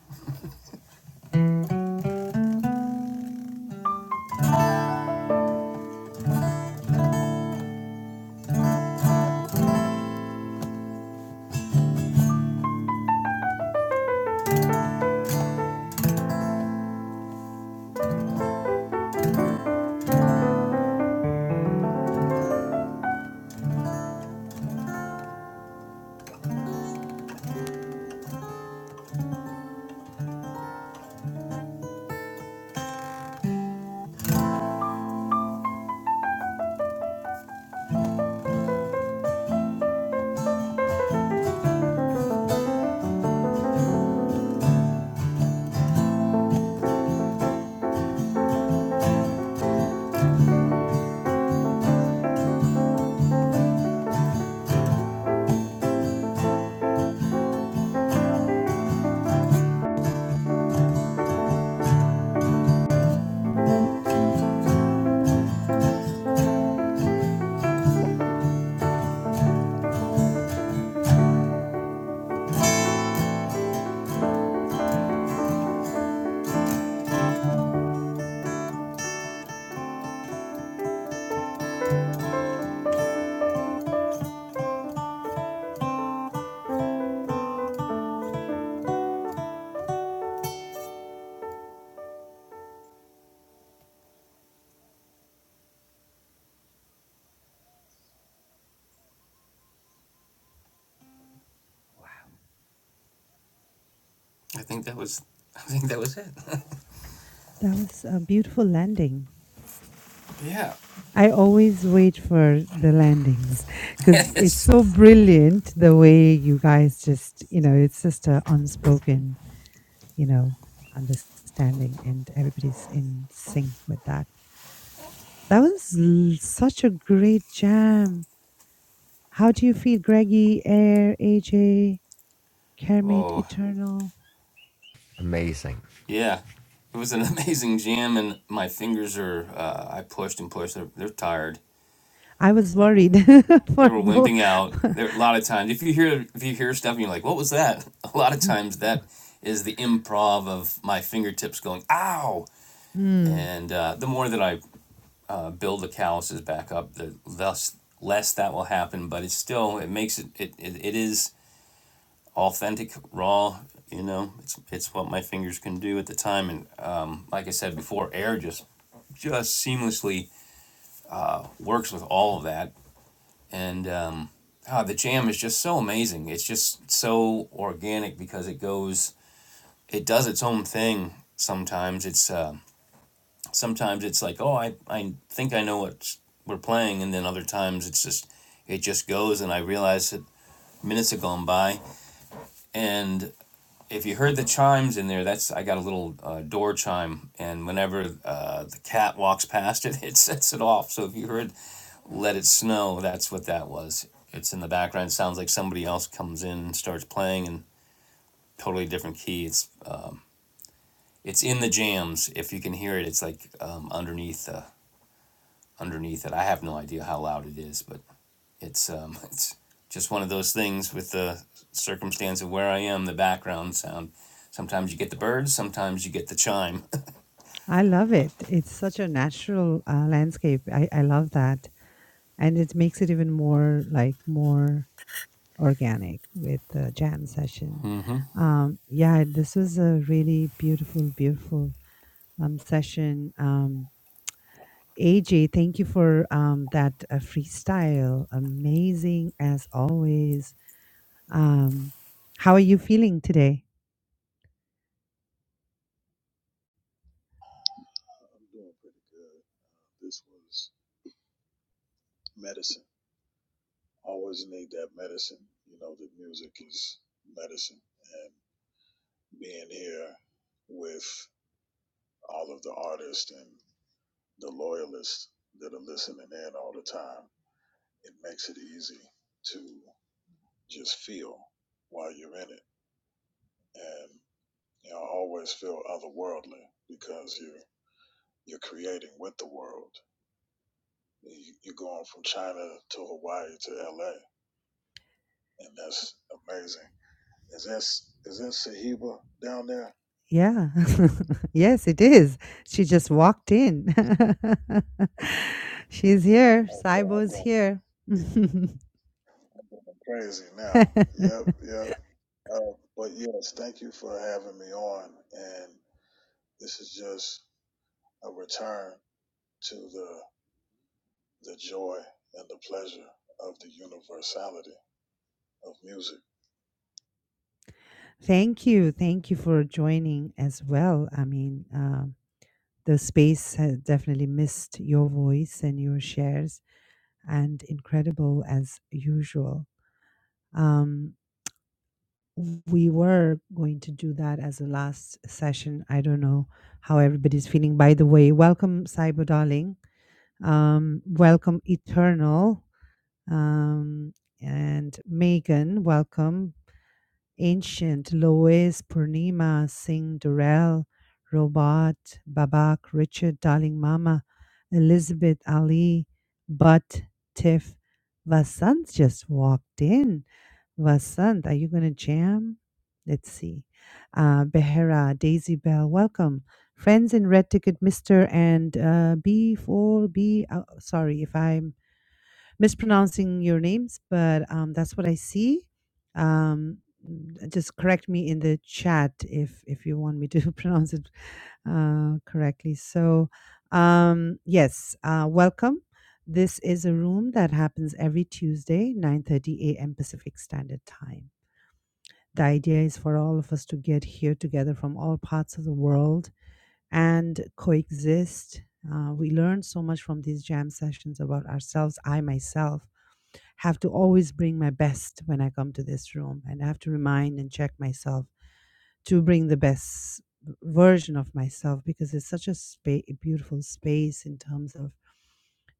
Speaker 2: I think that was. I think that was it.
Speaker 1: That was a beautiful landing.
Speaker 2: Yeah. (laughs)
Speaker 1: I always wait for the landings (laughs) because it's
Speaker 2: Yes.
Speaker 1: so brilliant the way you guys just, you know, it's just a unspoken, you know, understanding and everybody's in sync with that. That was l- such a great jam. How do you feel, Greggy, Air, AJ, Kermit,
Speaker 2: oh
Speaker 1: Eternal?
Speaker 3: Amazing.
Speaker 2: yeah, it was an amazing jam, and my fingers are. Uh, I pushed and pushed. They're, they're tired.
Speaker 1: I was worried (laughs)
Speaker 2: They
Speaker 1: for
Speaker 2: were
Speaker 1: both.
Speaker 2: wimping out.
Speaker 1: (laughs)
Speaker 2: There a lot of times if you hear if you hear stuff and you're like, what was that? (laughs) A lot of times that is the improv of my fingertips going ow.
Speaker 1: Mm,
Speaker 2: And uh, the more that I uh, build the calluses back up, the less less that will happen. But it's still it makes it it, it, it is authentic, raw. You know, it's it's what my fingers can do at the time, and um, like I said before, air just just seamlessly works with all of that. And um, ah, the jam is just so amazing. It's just so organic because it goes, it does its own thing. Sometimes it's uh, sometimes it's like, oh, I I think I know what we're playing, and then other times it's just it just goes, and I realize that minutes have gone by, and. if you heard the chimes in there, that's I got a little uh, door chime, and whenever uh, the cat walks past it, (laughs) it sets it off. So if you heard "Let It Snow," that's what that was. It's in the background. It sounds like somebody else comes in and starts playing, and totally different key. It's um, it's in the jams. If you can hear it, it's like um, underneath. Uh, underneath it. I have no idea how loud it is, but it's um, (laughs) it's just one of those things with the circumstance of where I am, the background sound. Sometimes you get the birds, sometimes you get the chime.
Speaker 1: I love it. It's such a natural uh, landscape. I, I love that. And it makes it even more like more organic with the jam session. Um, yeah, this was a really beautiful, beautiful um, session. Um, AJ, thank you for um, that uh, freestyle. Amazing as always. Um, how are you feeling today?
Speaker 5: I'm doing pretty good. This was medicine. Always need that medicine. You know, the music is medicine. And being here with all of the artists and the loyalists that are listening in all the time, it makes it easy to just feel while you're in it. and. You know, always feel otherworldly because you're you're creating with the world. You, you're going from China to Hawaii to L.A. and that's amazing. Is this is that Sahiba down there?
Speaker 1: Yeah. (laughs) yes, it is. She just walked in. (laughs) She's here.
Speaker 5: Oh, boy, I'm
Speaker 1: Saibo's
Speaker 5: going,
Speaker 1: here. (laughs)
Speaker 5: I'm going crazy now.
Speaker 1: (laughs)
Speaker 5: Yep, yep. Uh, but yes, thank you for having me on. And this is just a return to the the joy and the pleasure of the universality of music.
Speaker 1: Thank you. Thank you for joining as well. I mean, um, the space has definitely missed your voice and your shares, and incredible as usual. Um, we were going to do that as a last session. I don't know how everybody's feeling. By the way, welcome, Cyber Darling. Um, welcome, Eternal. Um, and Megan, welcome. Ancient, Lois, Purnima, Singh, Durrell, Robot, Babak, Richard, Darling Mama, Elizabeth, Ali, Butt, Tiff. Vasant just walked in. Vasant, are you going to jam? Let's see. Uh, Behera, Daisy Bell, welcome. Friends in Red Ticket, Mr. and uh, B4B. Oh, sorry if I'm mispronouncing your names, but um, that's what I see. Um, n- just correct me in the chat if if you want me to (laughs) pronounce it uh, correctly. So, um, yes, uh, welcome. This is a room that happens every Tuesday, 9:30 a.m. Pacific Standard Time. The idea is for all of us to get here together from all parts of the world and coexist. Uh, we learn so much from these jam sessions about ourselves. I myself have to always bring my best when I come to this room, and I have to remind and check myself to bring the best version of myself because it's such a spa- a beautiful space in terms of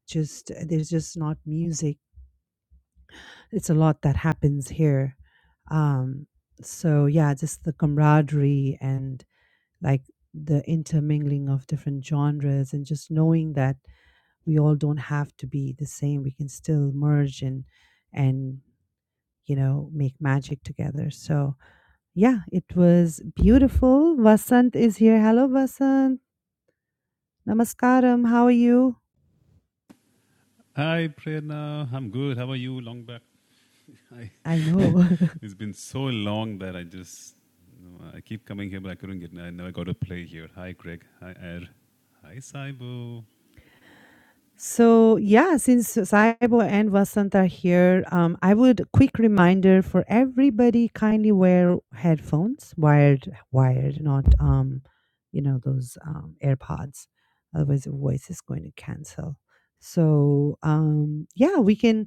Speaker 1: just uh, there's just not music. It's a lot that happens here. Um, so yeah, just the camaraderie and like the intermingling of different genres and just knowing that we all don't have to be the same. We can still merge and and you know, make magic together. So, yeah, it was beautiful. Vasant is here. Hello, Vasant. Namaskaram. How are you?
Speaker 6: Hi, Prerna. I'm good. How are you? Long back. I,
Speaker 1: I
Speaker 6: (laughs)
Speaker 1: know. (laughs)
Speaker 6: it's been so long that I just you know, I keep coming here, but I couldn't get. I never got to play here. Hi, Greg. Hi, Air. Hi, Saibo.
Speaker 1: so, yeah, since Saibo and Vasant are here, um, I would quick reminder for everybody kindly wear headphones, wired, wired, not, um, you know, those um, AirPods. Otherwise, the voice is going to cancel. So, um, yeah, we can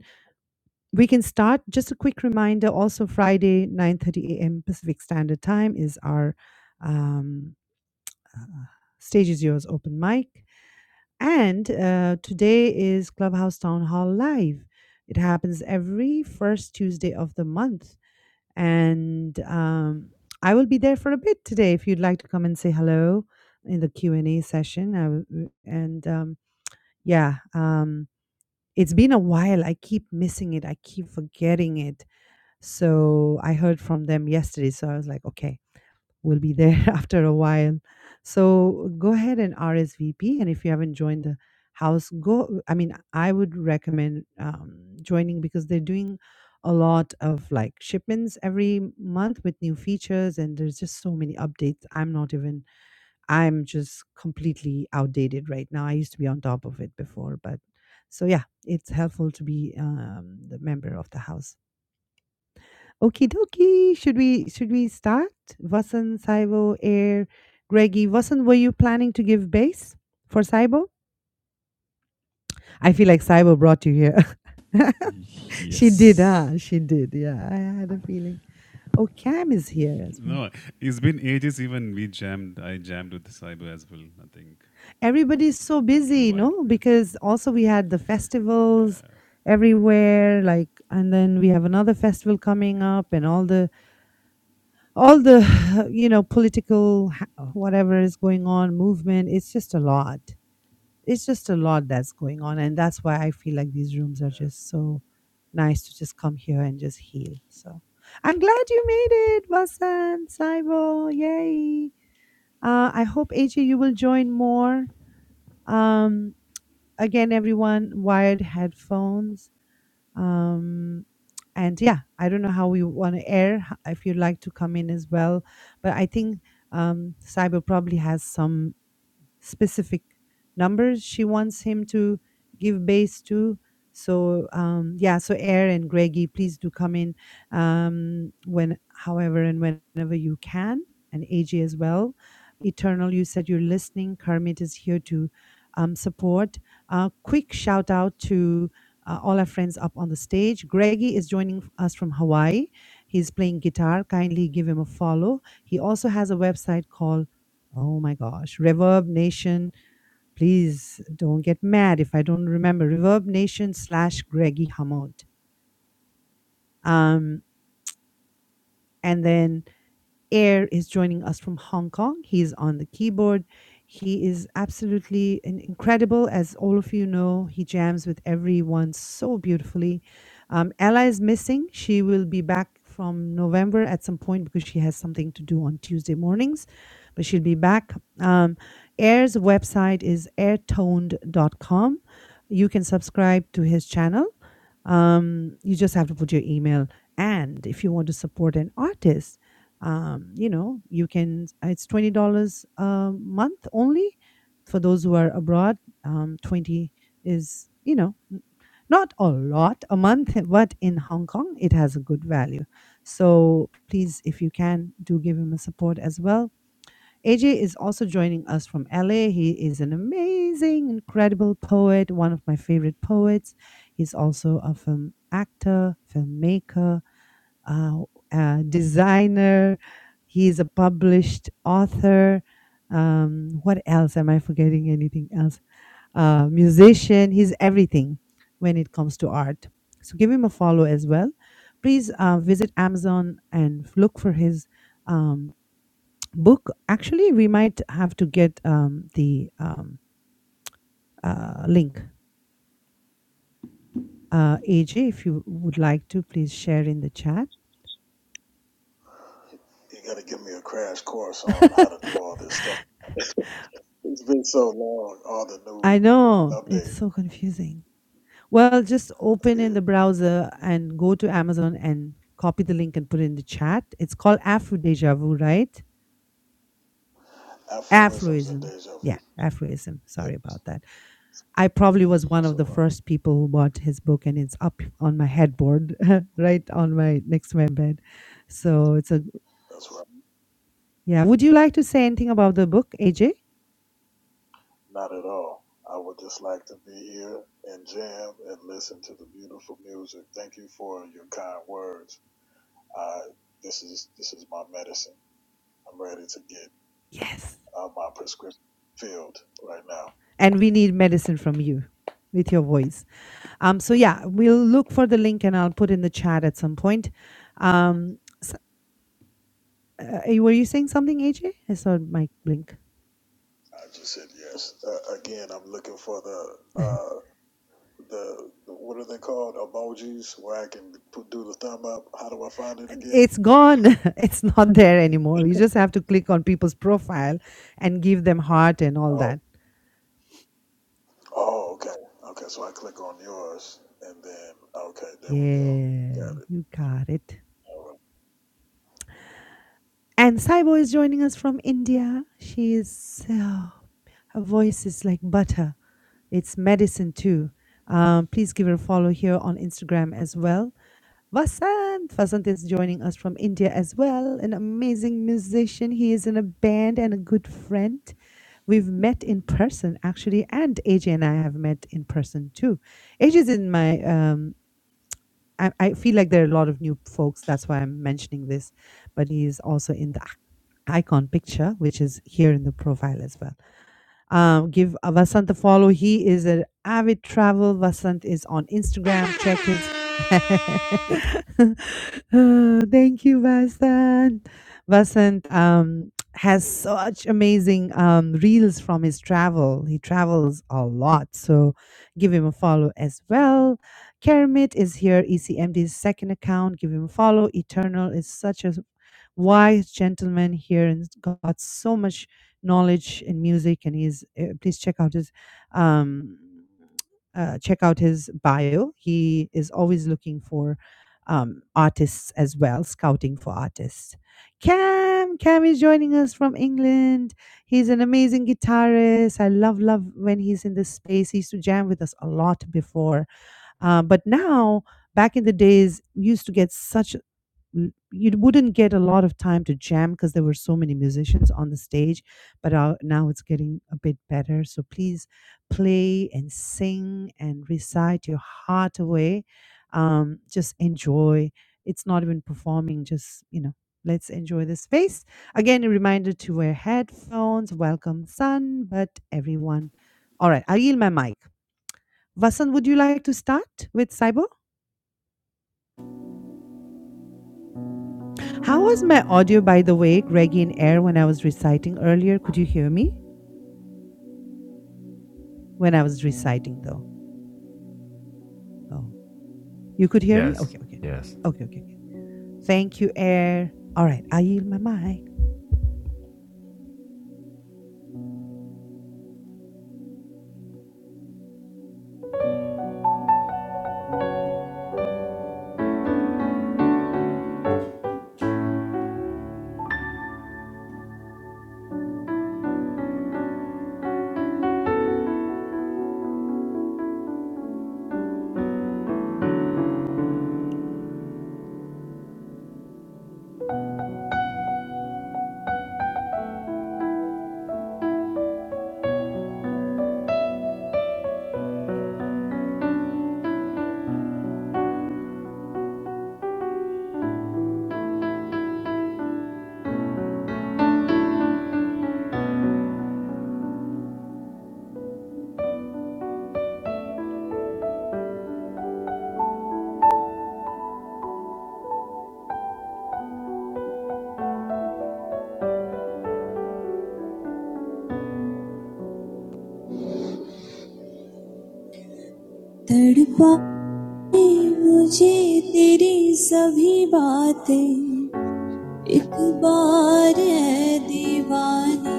Speaker 1: we can start just a quick reminder also friday 9.30 a.m pacific standard time is our um, uh, stage is yours open mic and uh, today is clubhouse town hall live it happens every first tuesday of the month and um, i will be there for a bit today if you'd like to come and say hello in the q&a session I will, and um, yeah um, it's been a while i keep missing it i keep forgetting it so I heard from them yesterday. So I was like, okay, we'll be there (laughs) after a while. So go ahead and RSVP. And if you haven't joined the house, go. I mean, I would recommend um, joining because they're doing a lot of like shipments every month with new features and there's just so many updates i'm not even i'm just completely outdated right now i used to be on top of it before but so yeah it's helpful to be um, the member of the house Okie dokie. Should we should we start? Vasant, Saibo, Air, Greggy. Vasant, were you planning to give bass for Saibo? I feel like Saibo brought you here. (laughs) she did,
Speaker 6: Yes.
Speaker 1: huh? She did. Yeah, I had a feeling. Oh, Cam is here as well.
Speaker 6: No, it's been ages. Even we jammed. I jammed with Saibo as well. I think
Speaker 1: Everybody's so
Speaker 6: after a
Speaker 1: busy,
Speaker 6: while.
Speaker 1: no?
Speaker 6: Yeah.
Speaker 1: Because also we had the
Speaker 6: Yeah.
Speaker 1: festivals everywhere, like, and then we have another festival coming up, and all the all the (sighs) you know political ha- whatever is going on movement it's just a lot it's just a lot that's going on and that's why i feel like these rooms are just so nice to just come here and just heal so i'm glad you made it Vasan, saibo yay uh, i hope aj you will join more um again everyone wired headphones um and yeah i don't know how we want to air h- if you'd like to come in as well but i think um cyber probably has some specific numbers she wants him to give base to. So um, yeah, so Air and Greggy, please do come in um, when, however, and whenever you can, and AJ as well. Eternal, you said you're listening. Kermit is here to um, support. Uh, quick shout out to uh, all our friends up on the stage. Greggy is joining us from Hawaii. He's playing guitar. Kindly give him a follow. He also has a website called Oh my gosh. Reverb Nation. Please don't get mad if I don't remember. Reverb Nation slash Greggy Hamot. Um, and then Air is joining us from Hong Kong. He's on the keyboard. He is absolutely in- incredible. As all of you know, he jams with everyone so beautifully. Um, Ella is missing. She will be back from November at some point because she has something to do on Tuesday mornings, but she'll be back. Um, Air's website is airtoned dot com. You can subscribe to his channel. Um, you just have to put your email. And if you want to support an artist, um, you know you can it's $20 a month only for those who are abroad um, 20 is you know n- not a lot a month (laughs) but in hong kong it has a good value so please if you can do give him a support as well aj is also joining us from la he is an amazing incredible poet one of my favorite poets he's also a film actor filmmaker uh, uh, designer. He's a published author. Um, what else? Am I forgetting anything else? Uh, musician. He's everything when it comes to art. So give him a follow as well. Please uh, visit Amazon and look for his um, book. Actually, we might have to get um, the um, uh, link. Uh, AJ, if you would like to, please share in the chat.
Speaker 5: You got to give me a crash course on how to do all this stuff. It's been so long. All the new
Speaker 1: I know
Speaker 5: update.
Speaker 1: it's so confusing. Well, just
Speaker 5: It
Speaker 1: open in
Speaker 5: is
Speaker 1: the browser and go to Amazon and copy the link and put it in the chat. It's called Afro Deja Vu, right?
Speaker 5: aphorisms and
Speaker 1: Afroism.
Speaker 5: deja vu.
Speaker 1: Yeah, Afroism.
Speaker 5: Yeah,
Speaker 1: Sorry about that. I probably was one
Speaker 5: that's
Speaker 1: of the
Speaker 5: right.
Speaker 1: first people who bought his book, and it's up on my headboard, (laughs) right on my next to my bed. So it's a
Speaker 5: That's right.
Speaker 1: yeah. Would you like to say anything about the book, AJ?
Speaker 5: Not at all. I would just like to be here and jam and listen to the beautiful music. Thank you for your kind words. I this is this is my medicine. I'm ready to get
Speaker 1: Yes.
Speaker 5: uh, my prescription filled right now.
Speaker 1: and we need medicine from you with your voice. Um, so yeah, we'll look for the link and I'll put in the chat at some point. Um, s- uh, were you saying something, AJ? I saw Mike blink.
Speaker 5: I just said yes. Uh, again, I'm looking for the uh, the the what are they called emojis where I can put, do the thumb up. How do I find it again?
Speaker 1: It's gone. (laughs) It's not there anymore. You just have to click on people's profile and give them heart and all
Speaker 5: Oh,
Speaker 1: that.
Speaker 5: oh, okay, okay. So I click on yours, and then okay, there we go.
Speaker 1: Yeah,
Speaker 5: Got it.
Speaker 1: you got it.
Speaker 5: All right.
Speaker 1: And Saibo is joining us from India. She is so her voice is like butter. It's medicine too. Um, please give her a follow here on Instagram as well. Vasant, Vasant is joining us from India as well. An amazing musician. He is in a band and a good friend. We've met in person actually, and Ajay and I have met in person too. AJ is in my. Um, I, I feel like there are a lot of new folks. That's why I'm mentioning this. But he is also in the icon picture, which is here in the profile as well. Um, give uh, Vasant a follow. He is an avid travel. Vasant is on Instagram. Check
Speaker 6: Yeah.
Speaker 1: his. (laughs) Oh, thank you, Vasant. Vasant um, has such amazing um, reels from his travel. He travels a lot, so give him a follow as well. Kermit is here, ECMD's second account. Give him a follow. Eternal is such a wise gentleman here and got so much knowledge in music and he's uh, please check out his um uh, check out his bio he is always looking for um artists as well scouting for artists cam cam is joining us from england he's an amazing guitarist i love love when he's in this space he used to jam with us a lot before uh, but now back in the days we used to get such l- you wouldn't get a lot of time to jam because there were so many musicians on the stage but uh, now it's getting a bit better so please play and sing and recite your heart away um, just enjoy it's not even performing just you know let's enjoy the space again a reminder to wear headphones welcome sun but everyone all right i yield my mic vasan would you like to start with cyber How was my audio, by the way, Greggy and Air, when I was reciting earlier? Could you hear me when I was reciting, though? Oh, you could hear me?
Speaker 3: Yes,
Speaker 1: Okay, okay.
Speaker 3: yes.
Speaker 1: Okay, okay, okay. Thank you, Air. All right, I yield my mic.
Speaker 7: تڑپائیں مجھے تیری سبھی باتیں ایک بار اے دیوانے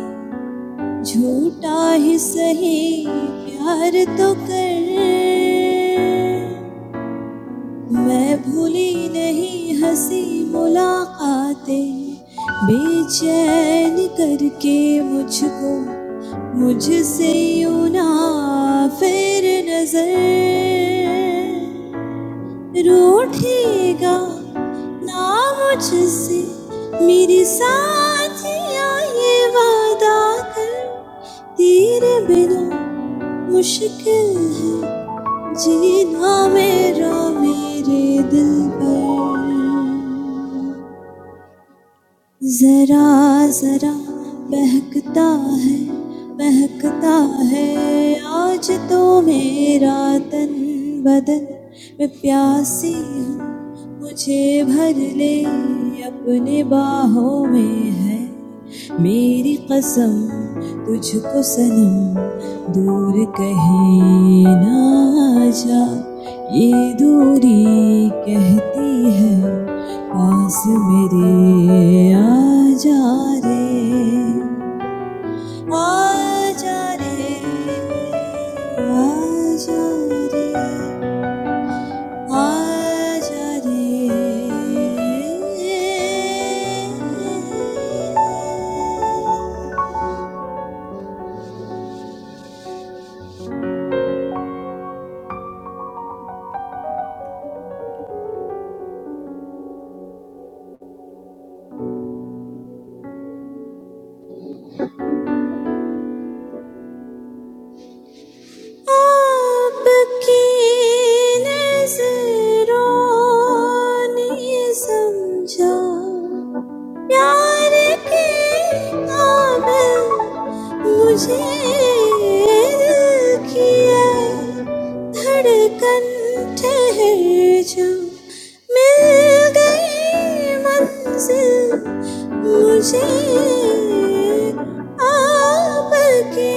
Speaker 7: جھوٹا ہی سہی پیار تو کر میں بھولی نہیں ہنسی ملاقاتیں بے چین کر کے مجھ کو مجھ سے یوں نہ پھر نظر روٹھے گا نہ مجھ سے میرے ساتھیا یہ وعدہ کر تیرے بنا مشکل ہے جینا میرا میرے دل پر ذرا ذرا بہکتا ہے مہکتا ہے آج تو میرا تن بدن میں پیاسی ہوں مجھے بھر لے اپنے باہوں میں ہے میری قسم تجھ کو صنم دور کہیں نہ جا یہ دوری کہتی ہے پاس میرے آ جا رے آ جا رے آ جا رے آ جا رے آپ کی نظروں نے سمجھا پیار کے نام مجھے دل کی ہے دھڑکن ٹھہر جو مل گئی منزل مجھے آپ کی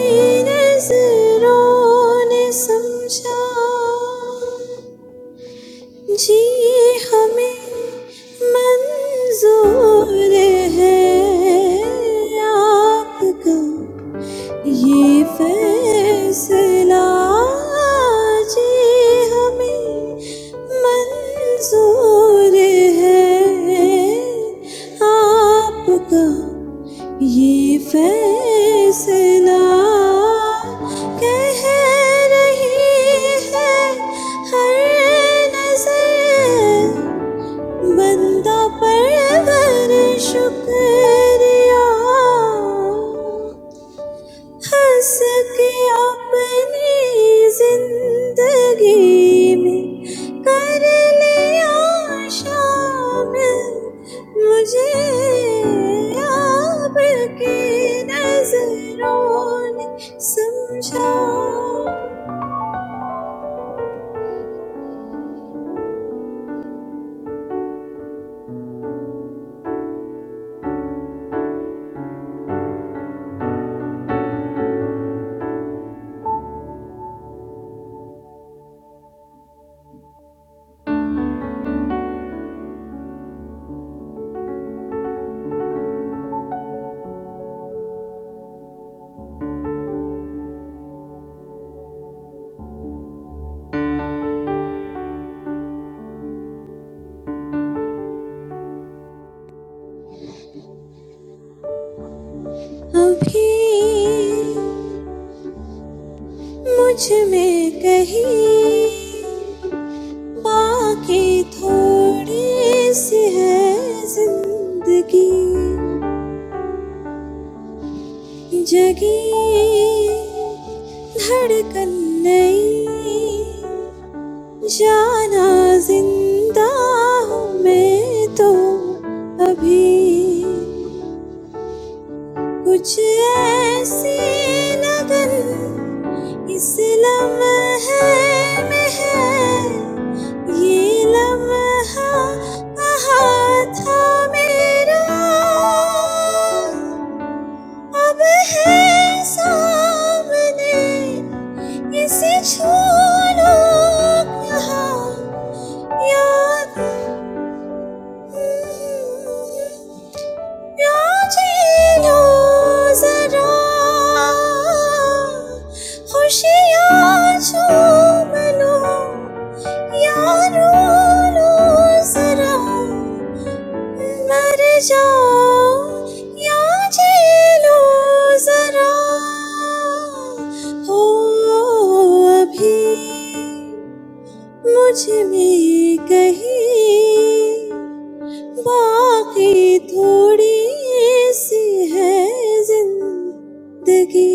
Speaker 7: نظروں نے سمجھا جی ہمیں منظور ہے آپ کا یہ فیصلہ آج ہی ہمیں منظور ہے آپ کا یہ فیصلہ کہہ رہی ہے ہر نظر بندہ پر شکریہ ہنس کے اپنی زندگی میں کر لیا شامل مجھے آپ کی نظروں نے سمجھا ابھی مجھ میں کہیں باقی تھوڑی سی ہے زندگی جگی دھڑکن نئی جانا زندہ ہوں میں تو ابھی کچھ ایسی لگن اس لمحے میں ہے یہ لمحہ کہاں تھا میرا اب ہے سامنے اسے چھو لو یہاں یاد یاد جھیلو ذرا خوشیاں چوم لو یا رو لو ذرا مر جاؤ یا جیلو ذرا ہو ابھی مجھ میں کہیں باقی تھوڑی سی ہے زندگی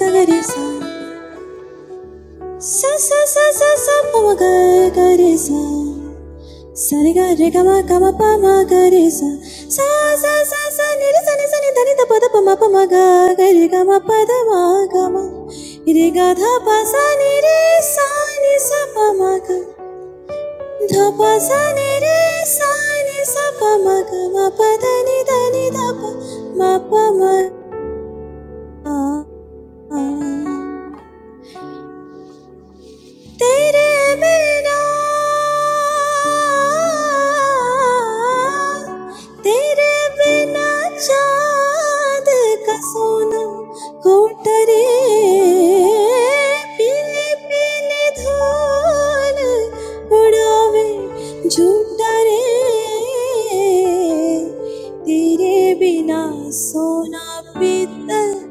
Speaker 7: گگرے سا سا سا سا سا سا پو گگرے سا サリガリガマカマパマガリサササササニあサニサニさニさパダパマパマガガリガマパダマガマだまがま。いれがたぱさねれさねさぱまが。たぱさねれさねさぱまがまぱだにだに تیرے بنا تیرے بنا چاند کا سونا کوٹرے پیلے پیلے دھول اڑاوے جھوٹا رے تیرے بنا سونا پیتل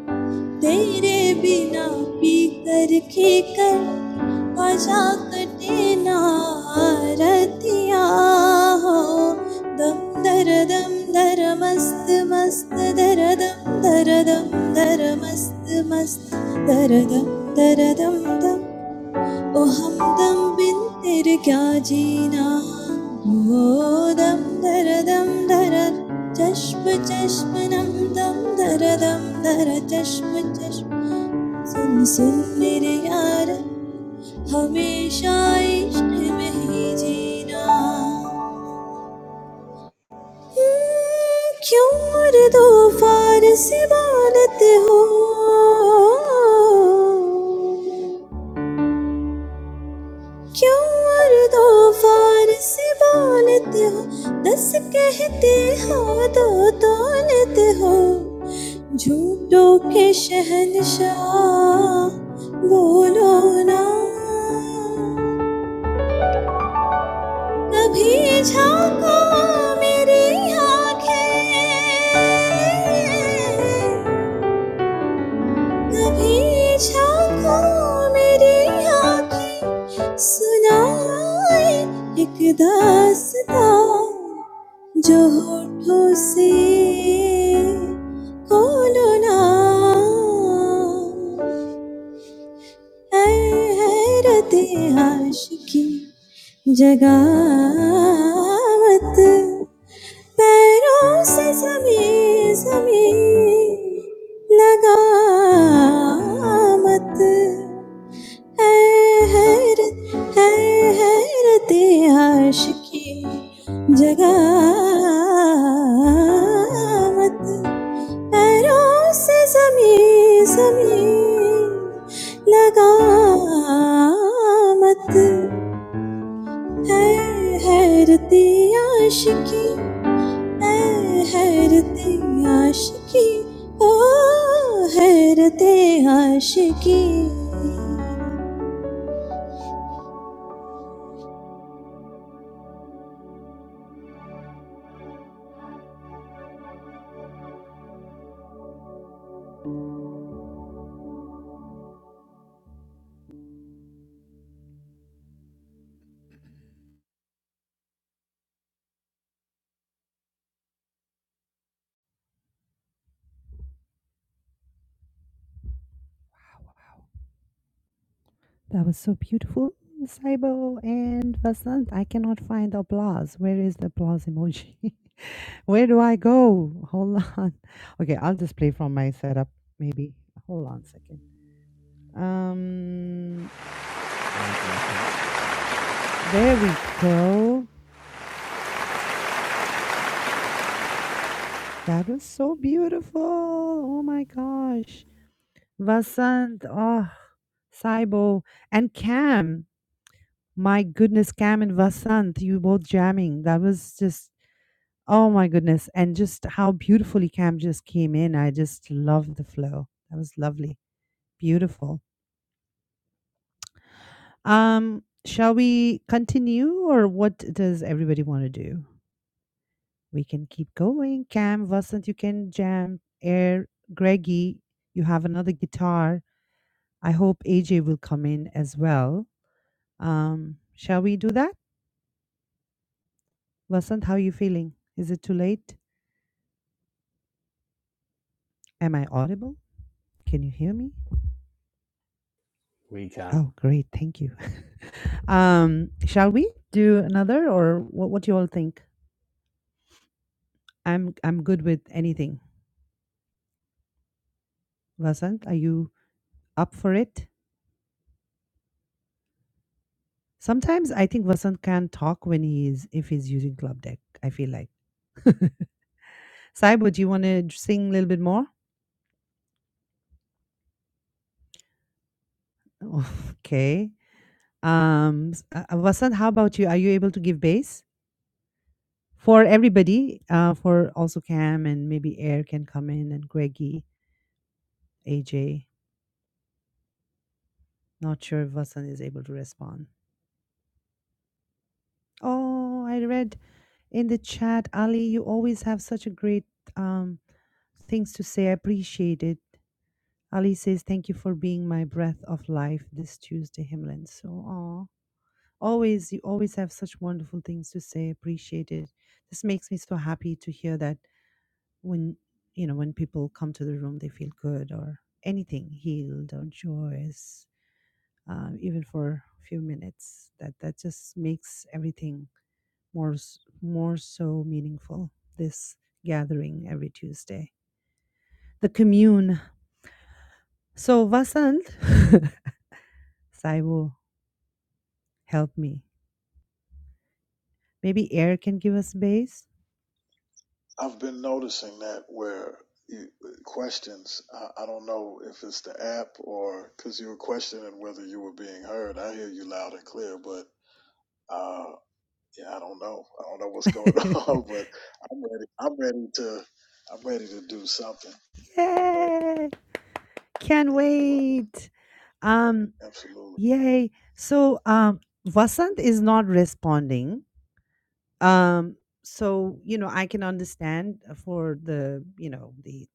Speaker 7: تیرے بنا پی کر کھی کر خواجہ کٹے نا رتیا ہو دم در دم در مست مست در دم در دم در مست مست در دم در دم دم او ہم دم بن تیر کیا جینا ہو دم در دم در چشم چشم نم دم در دم در چشم چشم سن سن میرے یار ہمیشہ عشق میں ہی جینا ہوں، کیوں اردو فارسی بولتے ہو کیوں اردو فارسی بولتے ہو دس کہتے ہو دو تولتے ہو جھوٹوں کے شہنشاہ بولو نا کبھی جھانکا میری آنکھیں کبھی جھانکا میری آنکھیں سنائے ایک داستاں جو ہوٹھوں سے کھولو نا اے حیرت عاشقی جگا مت پیروں سے زمیں زمیں لگامت ہے حیرت ہے حیرت عاشقی جگامت پیروں سے زمیں زمیں لگامت ہے حیرت عاشقی اے حیرت عاشقی او حیرت عاشقی
Speaker 1: That was so beautiful, Saibo and Vasant. I cannot find the applause. Where is the applause emoji? (laughs) Where do I go? Hold on. (laughs) Okay, I'll just play from my setup, maybe. Hold on a second. Um, there we go. That was so beautiful. Oh my gosh. Vasant, oh, Saibo, and Cam. My goodness, Cam and Vasant, you both jamming. That was just, oh my goodness. And just how beautifully Cam just came in. I just love the flow. That was lovely. Beautiful. Um, shall we continue or what does everybody want to do? We can keep going. Cam, Vasant, you can jam. Air, Greggy, you have another guitar. I hope AJ will come in as well. Um, shall we do that? Vasant, how are you feeling? Is it too late? Am I audible? Can you hear me?
Speaker 8: We can.
Speaker 1: Oh, great. Thank you. (laughs) Um, shall we do another or what, what do you all think? I'm I'm good with anything. Vasant, are you up for it? Sometimes I think Vasant can talk when he's if he's using club deck. I feel like Saibo, do you want to sing a little bit more? (laughs) Okay. Um, s- uh, uh, Vasant, how about you? Are you able to give bass for everybody? Uh, for also Cam and maybe Air can come in and Greggy, AJ. Not sure if Vasant is able to respond. Oh, I read in the chat, Ali. You always have such a great um things to say. I appreciate it. Ali says, Thank you for being my breath of life this Tuesday, Himlin. So, aw. Always, you always have such wonderful things to say. Appreciate it. This makes me so happy to hear that when, you know, when people come to the room, they feel good or anything, healed or joyous, uh, even for a few minutes. That that just makes everything more, s- more so meaningful. This gathering every Tuesday. The commune. So, Vasant, (laughs) Saibu. Help me. Maybe air can give us space.
Speaker 5: I've been noticing that where you, questions. I, I don't know if it's the app or because you were questioning whether you were being heard. I hear you loud and clear, but uh, yeah, I don't know. I don't know what's going
Speaker 1: (laughs)
Speaker 5: (laughs) on, but I'm ready. I'm ready to. I'm ready to do something. I'm ready.
Speaker 1: Yay! Can't
Speaker 5: Yeah, doable.
Speaker 1: wait. Um,
Speaker 5: Absolutely.
Speaker 1: yay. So um Vasant is not responding. Um, so you know, I can understand for the you know the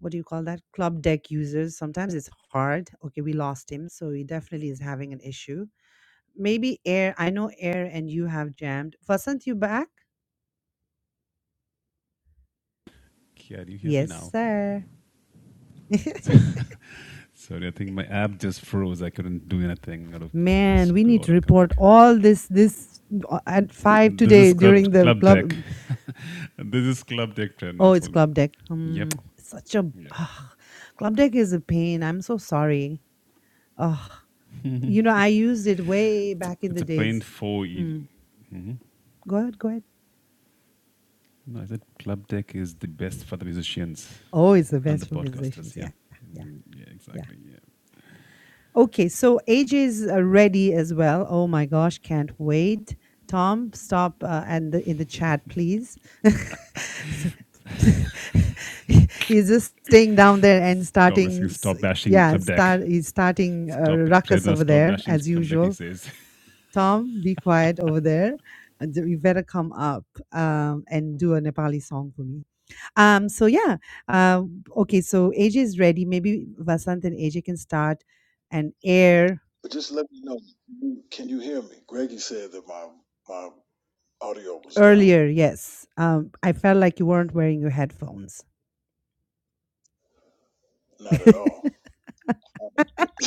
Speaker 1: what do you call that club deck users sometimes it's hard okay we lost him so he definitely is having an issue maybe air i know air and you have jammed vasant you back
Speaker 6: Yeah, Do you hear me
Speaker 1: yes
Speaker 6: now?
Speaker 1: sir (laughs)
Speaker 6: (laughs) Sorry, I think my app just froze. I couldn't do anything. Gotta
Speaker 1: man
Speaker 6: just
Speaker 1: we
Speaker 6: go
Speaker 1: need
Speaker 6: out
Speaker 1: to
Speaker 6: and come
Speaker 1: report
Speaker 6: back.
Speaker 1: all this this uh, at five
Speaker 6: This
Speaker 1: today
Speaker 6: is club
Speaker 1: during the
Speaker 6: club
Speaker 1: club
Speaker 6: deck.
Speaker 1: mm,
Speaker 6: (laughs) This is club deck trend.
Speaker 1: oh it's
Speaker 6: So
Speaker 1: club deck um
Speaker 6: yep,
Speaker 1: such a
Speaker 6: yep.
Speaker 1: ah, club deck is a pain i'm so sorry oh you know i used it way back in
Speaker 6: It's
Speaker 1: the
Speaker 6: a
Speaker 1: days
Speaker 6: paint for. E-
Speaker 1: mm, go ahead go ahead
Speaker 6: no, I said club deck is the best for the musicians
Speaker 1: Always the
Speaker 6: and the
Speaker 1: best for musicians.
Speaker 6: podcasters. Yeah,
Speaker 1: Yeah. Yeah.
Speaker 6: Mm, yeah,
Speaker 1: Yeah.
Speaker 6: exactly. Yeah.
Speaker 1: Okay. So AJ is uh, ready as well. Oh my gosh. Can't wait. Tom, stop uh, and the, in the chat, please. (laughs) S- (laughs) he's just staying down there and
Speaker 6: Tom is
Speaker 1: starting.
Speaker 6: saying,
Speaker 1: s-
Speaker 6: stop bashing
Speaker 1: Yeah.
Speaker 6: club deck.
Speaker 1: Start. He's starting a
Speaker 6: Stop it,
Speaker 1: ruckus
Speaker 6: Prerna.
Speaker 1: over
Speaker 6: Stop
Speaker 1: there
Speaker 6: bashing
Speaker 1: as
Speaker 6: club deck. He
Speaker 1: usual.
Speaker 6: says. (laughs)
Speaker 1: Tom, be quiet over there. And You better come up um, and do a Nepali song for me. Um, so yeah. Uh, okay, so AJ is ready. Maybe Vasant and AJ can start and air
Speaker 5: But just let me know. you- Can you hear me? Greggy said that my my audio was down.
Speaker 1: earlier. Yes. Um, I felt like you weren't wearing your headphones.
Speaker 5: Not at all. (laughs)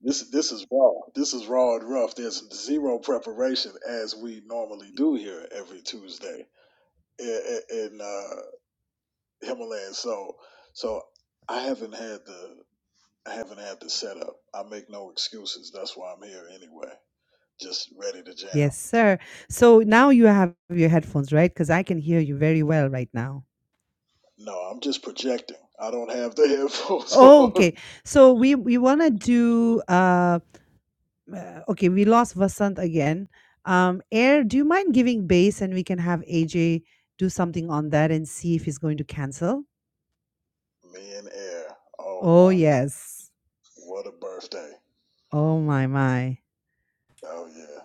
Speaker 5: this this is raw. This is raw and rough. There's zero preparation as we normally do here every Tuesday in, in uh, Himalayan. So so I haven't had the I haven't had the setup. I make no excuses. That's why I'm here anyway. Just ready to jam.
Speaker 1: Yes, sir. So now you have your headphones, right? Because I can hear you very well right now.
Speaker 5: No, I'm just projecting. I don't have the (laughs) headphones
Speaker 1: Oh,
Speaker 5: on.
Speaker 1: okay. So we we want to do uh uh, okay, we lost Vasant again. Um Air, do you mind giving bass and we can have AJ do something on that and see if he's going to cancel?
Speaker 5: Me and Air. Oh
Speaker 1: Oh,
Speaker 5: my, g-
Speaker 1: yes.
Speaker 5: what a birthday.
Speaker 1: Oh my my.
Speaker 5: Oh yeah.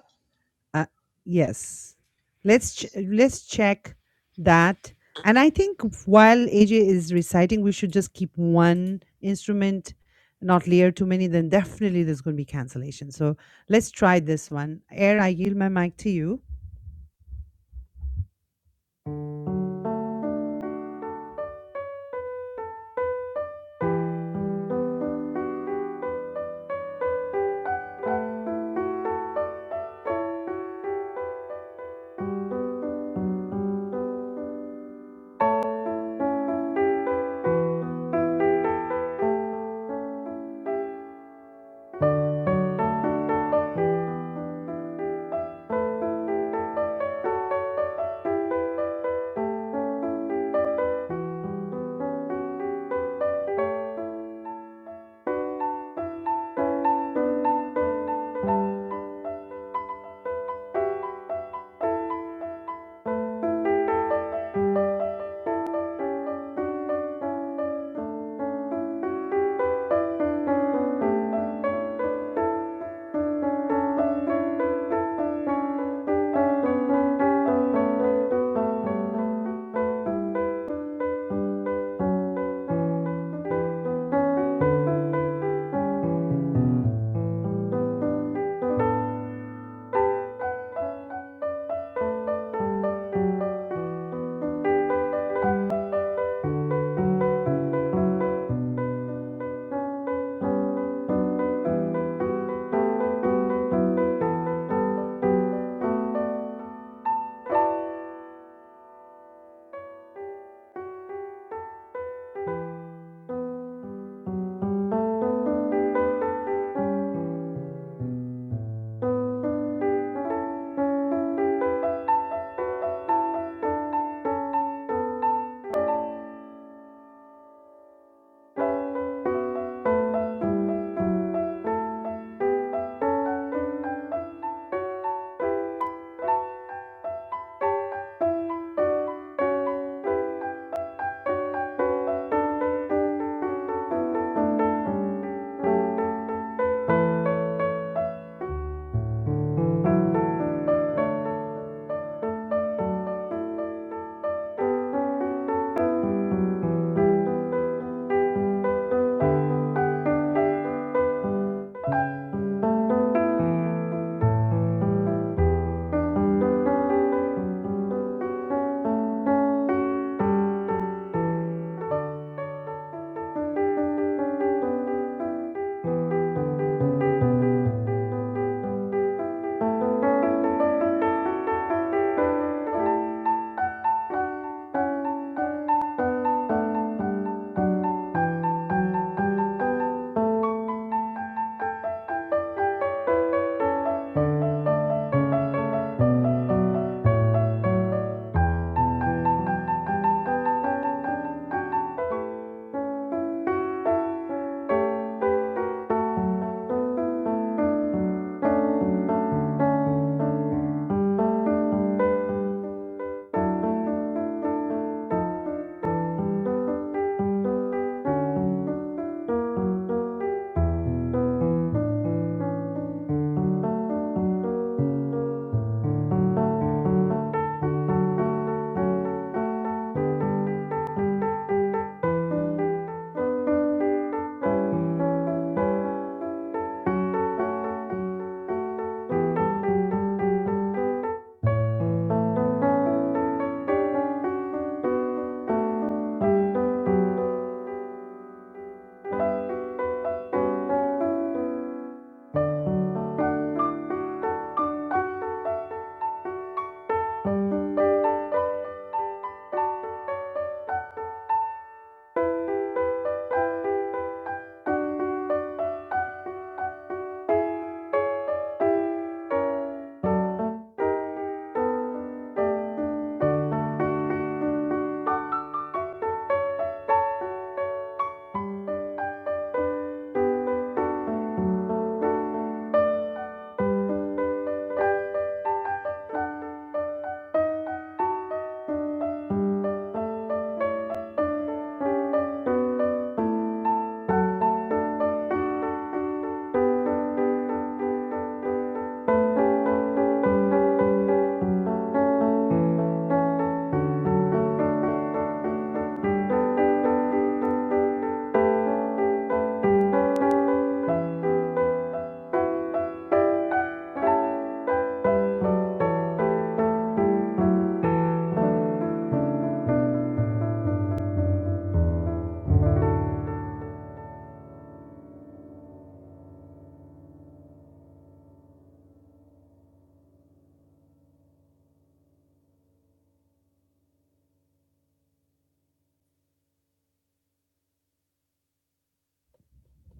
Speaker 1: Uh, yes. Let's ch- let's check that. And I think while AJ is reciting, we should just keep one instrument, not layer too many, then definitely there's going to be cancellation. So Let's try this one. Air, I yield my mic to you.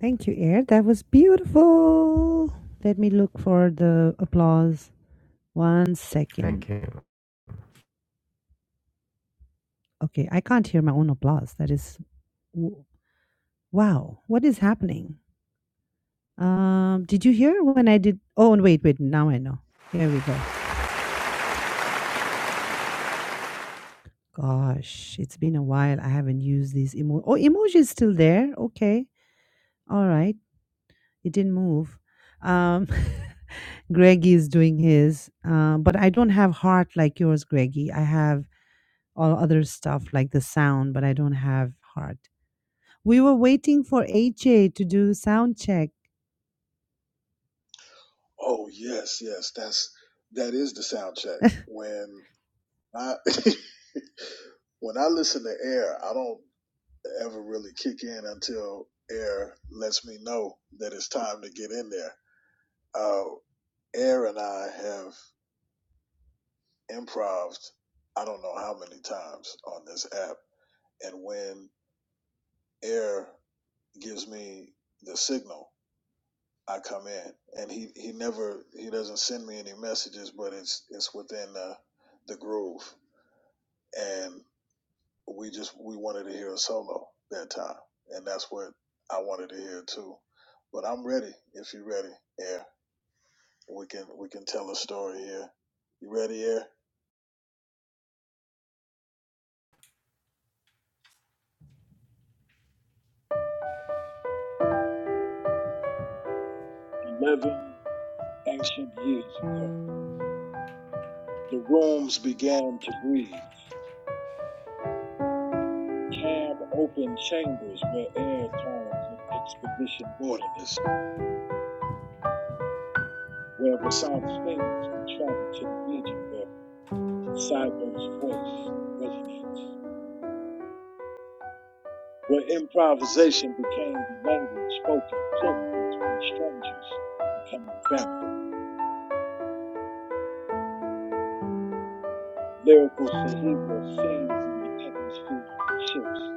Speaker 1: Thank you, Air. That was beautiful. Let me look for the applause. One
Speaker 3: Thank
Speaker 1: second.
Speaker 3: you.
Speaker 1: Okay, I can't hear my own applause. That is w- wow. What is happening? Um, did you hear when I did? Oh, and wait, wait. Now I know. Here we go. Gosh, it's been a while. I haven't used these emoji. Oh, emoji is still there. Okay, all right. It didn't move. Um, (laughs) Greggy is doing his, Uh, but I don't have heart like yours, Greggy. I have all other stuff like the sound, but I don't have heart. We were waiting for HA to do sound check.
Speaker 5: Oh yes, yes. That's that is the sound check. When I (laughs) when I listen to Air, I don't ever really kick in until Air lets me know that it's time to get in there. Uh, Air and I have improved I don't know how many times on this app, and when Air gives me the signal, I come in, and he he never he doesn't send me any messages, but it's it's within uh, the groove, and we just we wanted to hear a solo that time, and that's what I wanted to hear too. But I'm ready if you're ready, Air. We can we can tell a story here. You ready, Air? Eleven ancient years ago, the rooms began to breathe. Cam opened chambers where air turned to expedition wilderness where Vasant's fingers could travel to the region where Cybo's voice resonates, where improvisation became the language spoken fluent between strangers becoming family. Lyrical Sahiba sings in the atmosphere shifts.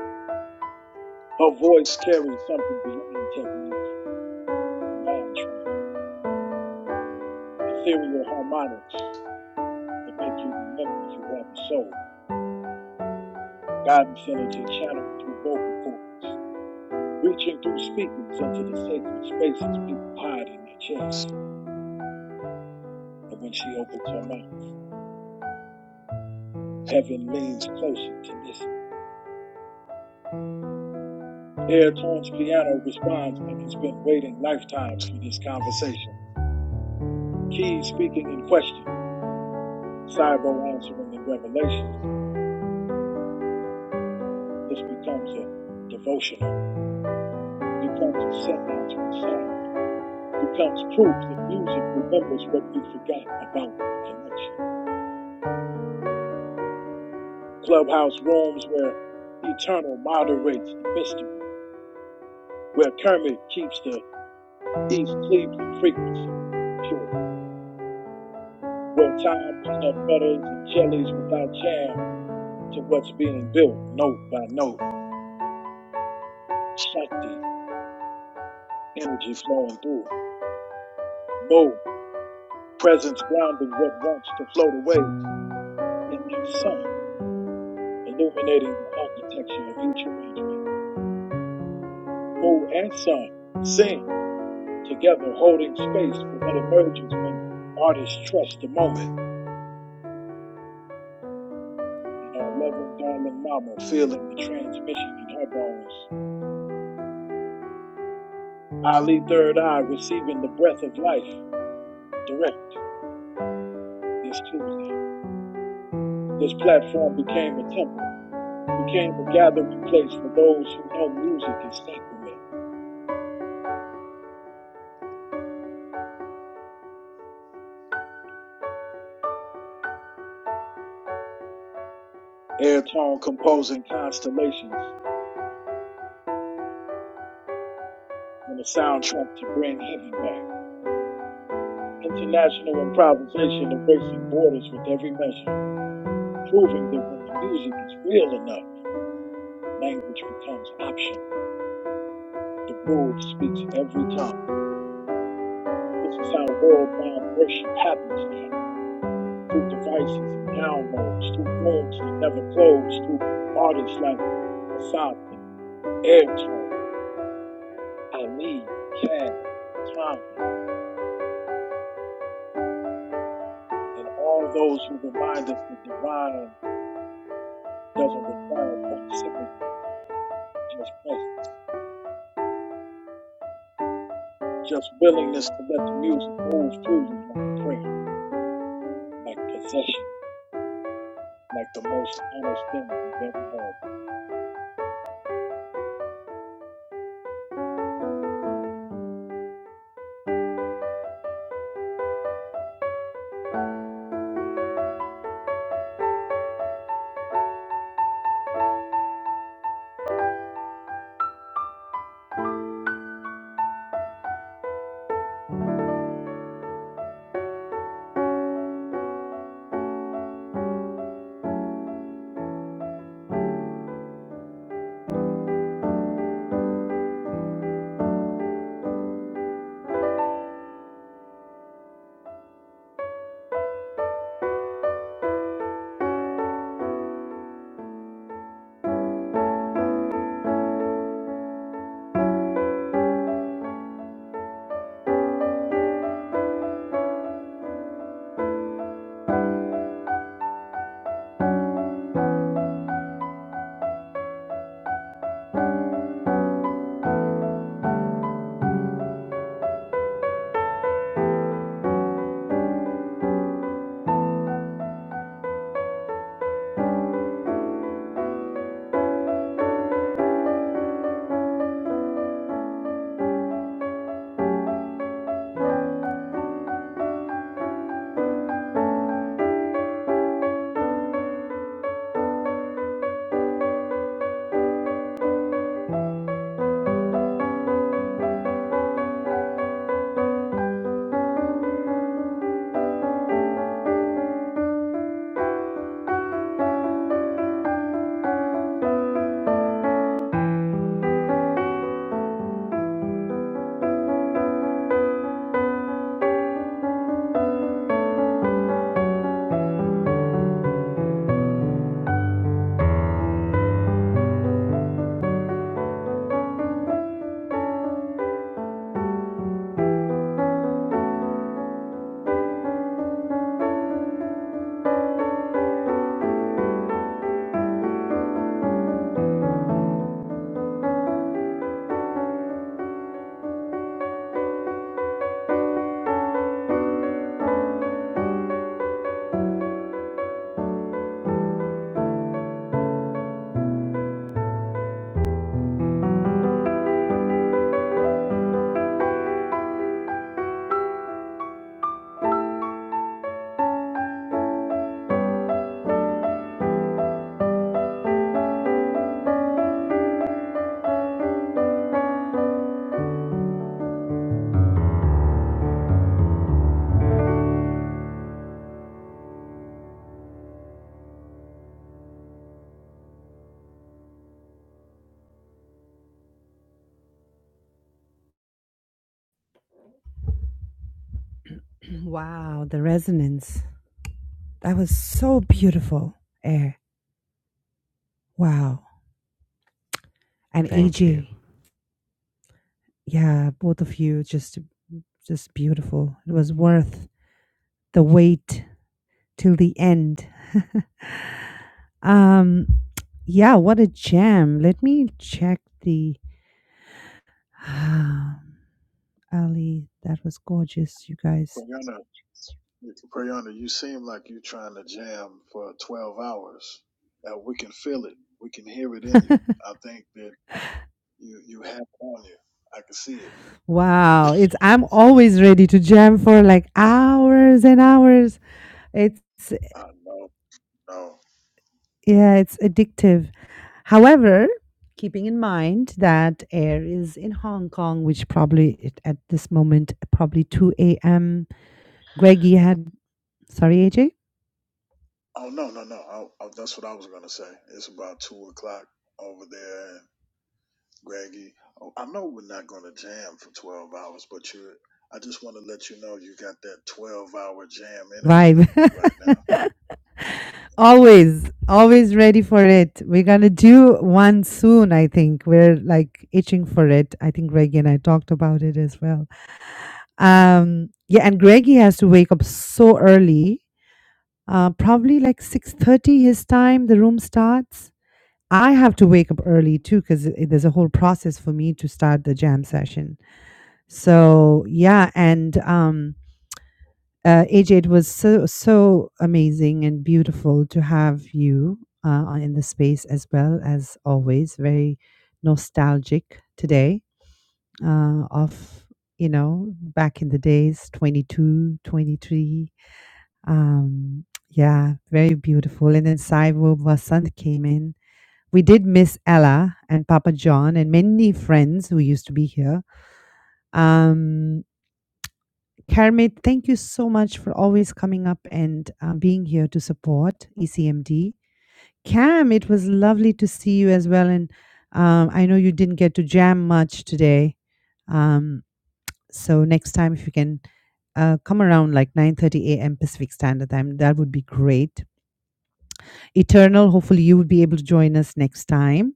Speaker 5: Her voice carries something beyond technique, beyond training. Ethereal harmonics that make you remember you have a soul. Guidance energy channeled through vocal cords, reaching through speakers into the sacred spaces people hide in their chests. and when she opens her mouth, heaven leans closer to listen. Airtone's piano responds like it's been waiting lifetimes for this conversation. Keys speaking in question, Cybo answering in revelation. This becomes a devotional, becomes a seance from sound, becomes proof that music remembers what we forgot about connection. Clubhouse rooms where Eternal moderates the mystery, where Kermit keeps the East Cleveland frequency pure where time, peanut butters, and jellies without jam to what's being built, note by note, Shakti, energy flowing through. Mo, presence grounding what wants to float away and new sun, illuminating the architecture of each arrangement. Mo and sun, sing together, holding space for what emerges when artists trust the moment. And our loving, darling mama feeling the transmission in her bones. Ali, third eye, receiving the breath of life, directly. this Tuesday. This platform became a temple, became a gathering place for those who know music is sacrament. Airtone composing constellations and a soundtrack to bring heaven back. International improvisation erasing borders with every measure, proving that when the music is real enough, language becomes optional. The groove speaks every time. This is how worldwide worship happens now, through devices and downloads, through rooms that never close, through artists like Asafin, Erichon, Ali, Canaan, Tom, and all those who remind us that divine doesn't require proximity, just presence, just willingness to let the music move through you like a prayer, like possession, like the most honest thing you've ever had.
Speaker 1: (clears throat) wow, the resonance. That was so beautiful. Air. Wow. And
Speaker 3: Thank you.
Speaker 1: AJ. yeah, both of you just just beautiful. It was worth the wait till the end. (laughs) um yeah, what a gem. Let me check the (sighs) Ali, that was gorgeous, you guys.
Speaker 5: Priyana, Priyana, you seem like you're trying to jam for 12 hours. Uh, we can feel it. We can hear it in you. I think that you you have it on you. I can see it.
Speaker 1: Wow, it's I'm always ready to jam for like hours and hours. It's
Speaker 5: I know.
Speaker 1: Yeah, it's addictive. However, keeping in mind that air is in Hong Kong, which probably it, at this moment, probably 2 a.m. Greg, you had, sorry, AJ?
Speaker 5: Oh no, no, no. I, I, that's what I was gonna say. It's about two o'clock over there, Greggy. oh, I know we're not gonna jam for twelve hours, but you. I just want to let you know you got that twelve-hour jam energy right now.
Speaker 1: Vibe. (laughs) always, always ready for it. We're going to do one soon, I think. We're like itching for it. I think Greg and I talked about it as well. Um, yeah, and Greggy has to wake up so early, uh, probably like six thirty his time. The room starts. I have to wake up early too because there's a whole process for me to start the jam session. So yeah, and um, uh, AJ, it was so so amazing and beautiful to have you uh, on- in the space as well as always. Very nostalgic today uh, of you know back in the days 22, 23. Um, yeah, very beautiful. And then Saivo Vasant came in. We did miss Ella and Papa John and many friends who used to be here. Um, Kermit, thank you so much for always coming up and uh, being here to support ECMD. Cam, it was lovely to see you as well. And um, I know you didn't get to jam much today. Um, so next time, if you can uh, come around like 9.30 a.m. Pacific Standard Time, that would be great eternal. Hopefully, you will be able to join us next time.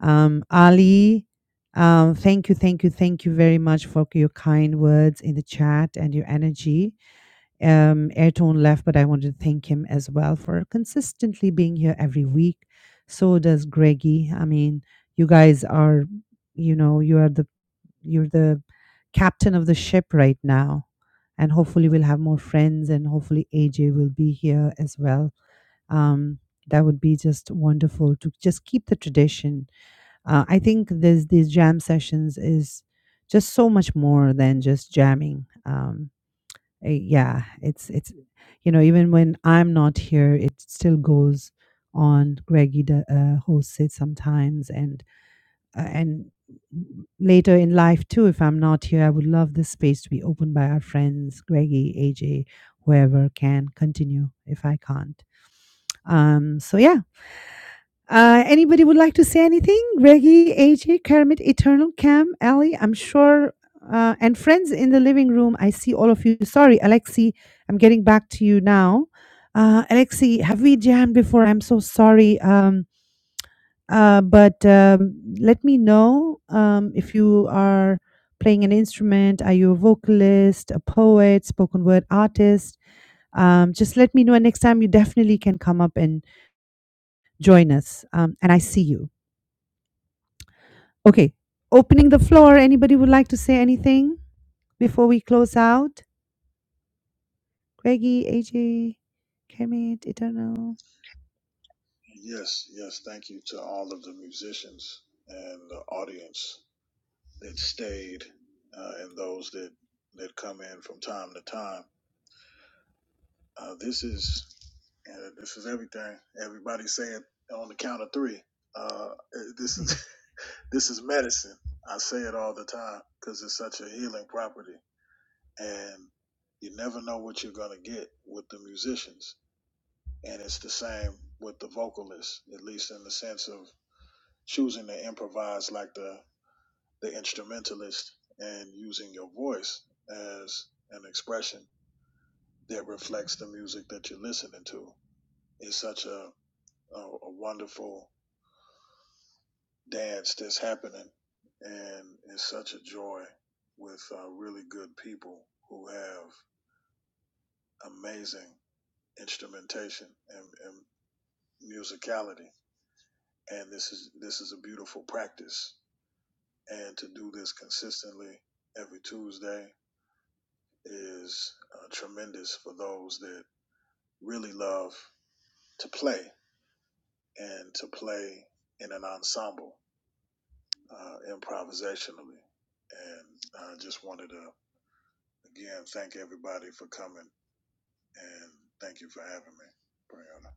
Speaker 1: Um, Ali, um, thank you, thank you, thank you very much for your kind words in the chat and your energy. Um, Airtone left, but I wanted to thank him as well for consistently being here every week. So does Greggy. I mean, you guys are, you know, you are the you're the captain of the ship right now. And hopefully, we'll have more friends, and hopefully, AJ will be here as well um, that would be just wonderful to just keep the tradition uh, i think this these jam sessions is just so much more than just jamming um, eh, yeah it's it's you know even when i'm not here it still goes on greggy d- uh, hosts it sometimes and uh, and later in life too if i'm not here i would love this space to be opened by our friends greggy aj whoever can continue if i can't um so yeah uh, anybody would like to say anything? Reggie, AJ, Kermit, Eternal, Cam, Ali, I'm sure, uh, and friends in the living room. I see all of you. Sorry, Alexi, I'm getting back to you now. Uh, Alexi, have we jammed before? I'm so sorry. Um, uh, but um, let me know um, if you are playing an instrument. Are you a vocalist, a poet, spoken word artist? Um, just let me know. And next time, you definitely can come up and join us. Um, and I see you. Okay. Opening the floor. Anybody would like to say anything before we close out? Greggy, AJ, Kermit, Eternal.
Speaker 5: Yes, yes. Thank you to all of the musicians and the audience that stayed, uh, and those that that come in from time to time. Uh, this is uh, this is everything. Everybody saying on the count of three. Uh, this
Speaker 1: (laughs)
Speaker 5: is (laughs) This is medicine. I say it all the time because it's such a healing property. And you never know what you're going to get with the musicians. And it's the same with the vocalist, at least in the sense of choosing to improvise like the, the instrumentalist and using your voice as an expression that reflects the music that you're listening to. It's such a, a, a wonderful dance that's happening, and it's such a joy with uh, really good people who have amazing instrumentation and, and musicality. And this is this is a beautiful practice, and to do this consistently every Tuesday is uh, tremendous for those that really love to play and to play in an ensemble uh, improvisationally. And I just wanted to Again, thank everybody for coming and thank you for having me, Brianna.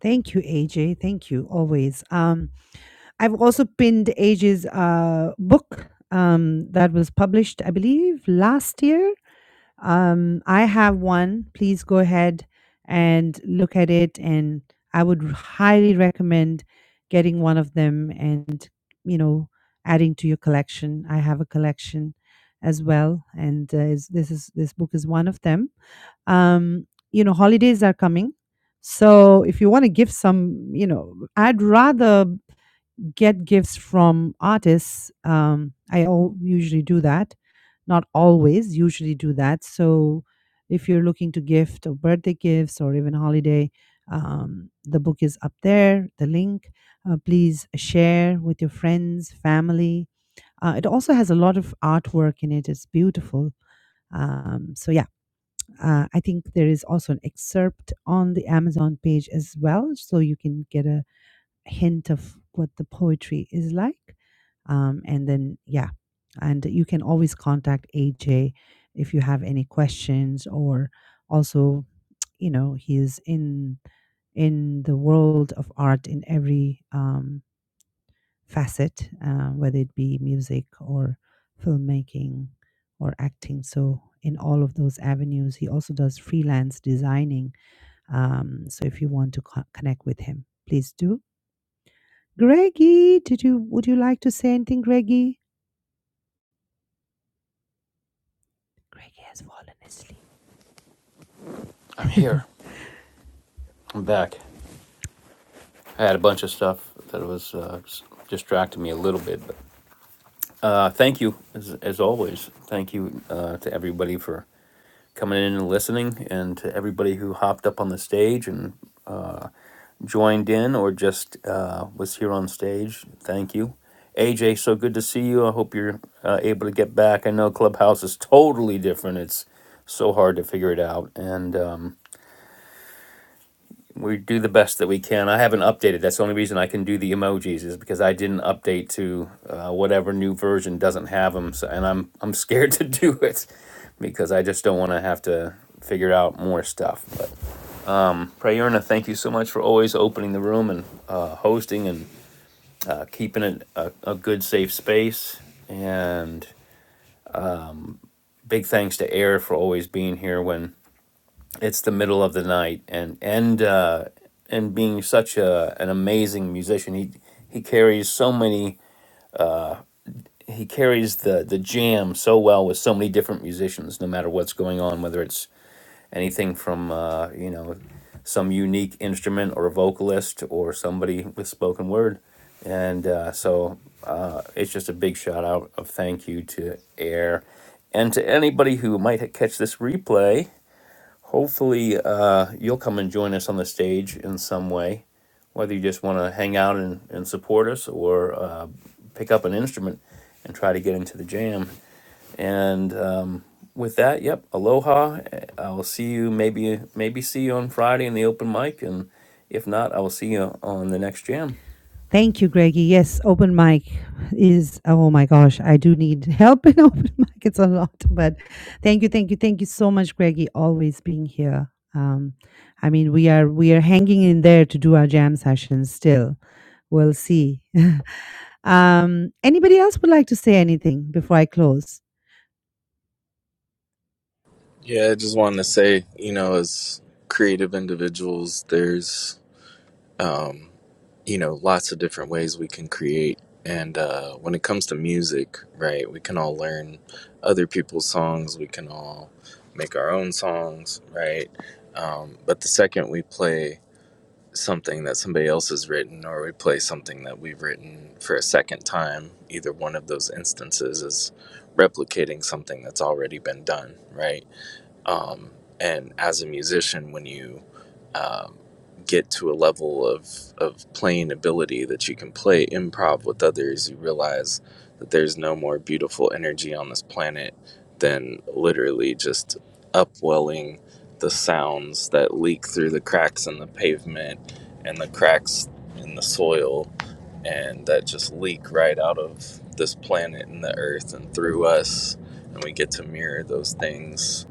Speaker 1: Thank you, AJ. Thank you always. Um, I've also pinned AJ's uh, book um, that was published, I believe, last year Um, I have one. Please go ahead and look at it. And I would r- highly recommend getting one of them and, you know, adding to your collection. I have a collection as well. And uh, is, this is this book is one of them. Um, you know, holidays are coming. So if you want to give some, you know, I'd rather get gifts from artists. Um, I al- usually do that, not always, usually do that. So if you're looking to gift or birthday gifts or even holiday, um, the book is up there, the link. Uh, please share with your friends, family. Uh, it also has a lot of artwork in it, it's beautiful. Um, so, yeah, uh, I think there is also an excerpt on the Amazon page as well. So you can get a hint of what the poetry is like. Um, and then, yeah, and you can always contact AJ if you have any questions or also, you know, he is in in the world of art in every um, facet, uh, whether it be music or filmmaking or acting. So, in all of those avenues, he also does freelance designing. Um, so, if you want to co- connect with him, please do. Greggy, did you would you like to say anything, Greggy? Greggy has fallen
Speaker 2: (laughs) I'm
Speaker 1: asleep.
Speaker 2: here. I'm back. I had a bunch of stuff that was uh, distracting me a little bit. But, uh, thank you, as, as always. Thank you uh, to everybody for coming in and listening, and to everybody who hopped up on the stage and uh, joined in or just uh, was here on stage. Thank you. AJ, so good to see you. I hope you're uh, able to get back. I know Clubhouse is totally different. It's so hard to figure it out. And um, we do the best that we can. I haven't updated. That's the only reason I can do the emojis is because I didn't update to uh, whatever new version doesn't have them. So, and I'm, I'm scared (laughs) to do it because I just don't want to have to figure out more stuff. But Prayerna, thank you so much for always opening the room and uh, hosting and keeping it a, a good, safe space. And big thanks to Air for always being here when it's the middle of the night and and uh, and being such a an amazing musician. He he carries so many. He carries the the jam so well with so many different musicians, no matter what's going on, whether it's anything from uh, you know some unique instrument or a vocalist or somebody with spoken word. And uh, so uh, it's just a big shout out of thank you to Air and to anybody who might catch this replay Hopefully, uh, you'll come and join us on the stage in some way, whether you just want to hang out and, and support us or uh, pick up an instrument and try to get into the jam. And um, with that, yep, aloha. I will see you maybe maybe see you on Friday in the open mic, and if not, I will see you on the next jam.
Speaker 1: (laughs) Thank you, Greggy. Yes, open mic is oh my gosh, I do need help in (laughs) open mic. It's a lot, but thank you, thank you, thank you so much, Greggy, always being here. Um, I mean, we are we are hanging in there to do our jam sessions still. We'll see. (laughs) um, anybody else would like to say anything before I close?
Speaker 9: Yeah, I just wanted to say, you know, as creative individuals, there's, um, you know, lots of different ways we can create. And uh, when it comes to music, right, we can all learn other people's songs, we can all make our own songs, right? Um, but the second we play something that somebody else has written or we play something that we've written for a second time, either one of those instances is replicating something that's already been done, right? um, and as a musician when you um, get to a level of, of playing ability that you can play improv with others you realize that there's no more beautiful energy on this planet than literally just upwelling the sounds that leak through the cracks in the pavement and the cracks in the soil and that just leak right out of this planet and the earth and through us and we get to mirror those things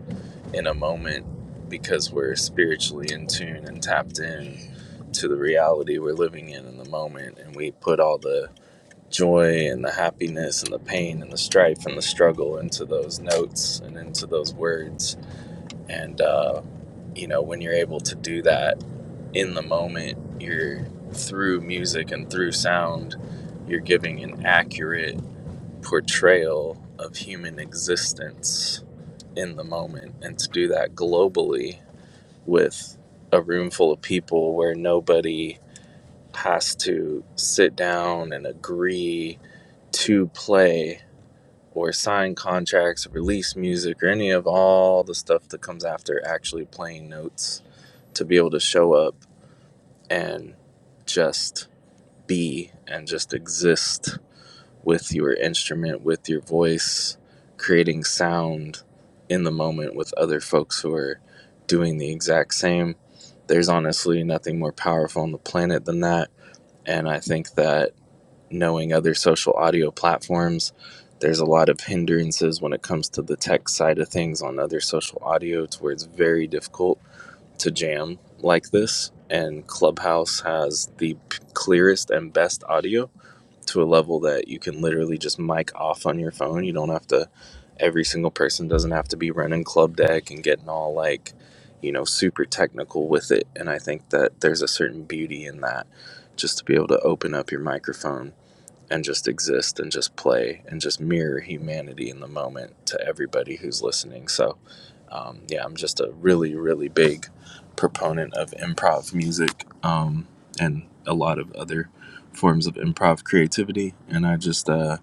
Speaker 9: in a moment because we're spiritually in tune and tapped in to the reality we're living in in the moment and we put all the joy and the happiness and the pain and the strife and the struggle into those notes and into those words and uh, you know when you're able to do that in the moment you're through music and through sound you're giving an accurate portrayal of human existence in the moment and to do that globally with a room full of people where nobody has to sit down and agree to play or sign contracts, release music, or any of all the stuff that comes after actually playing notes to be able to show up and just be and just exist with your instrument, with your voice, creating sound in the moment with other folks who are doing the exact same. There's honestly nothing more powerful on the planet than that. And I think that knowing other social audio platforms, there's a lot of hindrances when it comes to the tech side of things on other social audio to where it's very difficult to jam like this. And Clubhouse has the p- clearest and best audio to a level that you can literally just mic off on your phone. You don't have to, every single person doesn't have to be running club deck and getting all like, you know, super technical with it. And I think that there's a certain beauty in that just to be able to open up your microphone and just exist and just play and just mirror humanity in the moment to everybody who's listening. So um, yeah, I'm just a really, really big proponent of improv music um, and a lot of other forms of improv creativity. And I just, uh,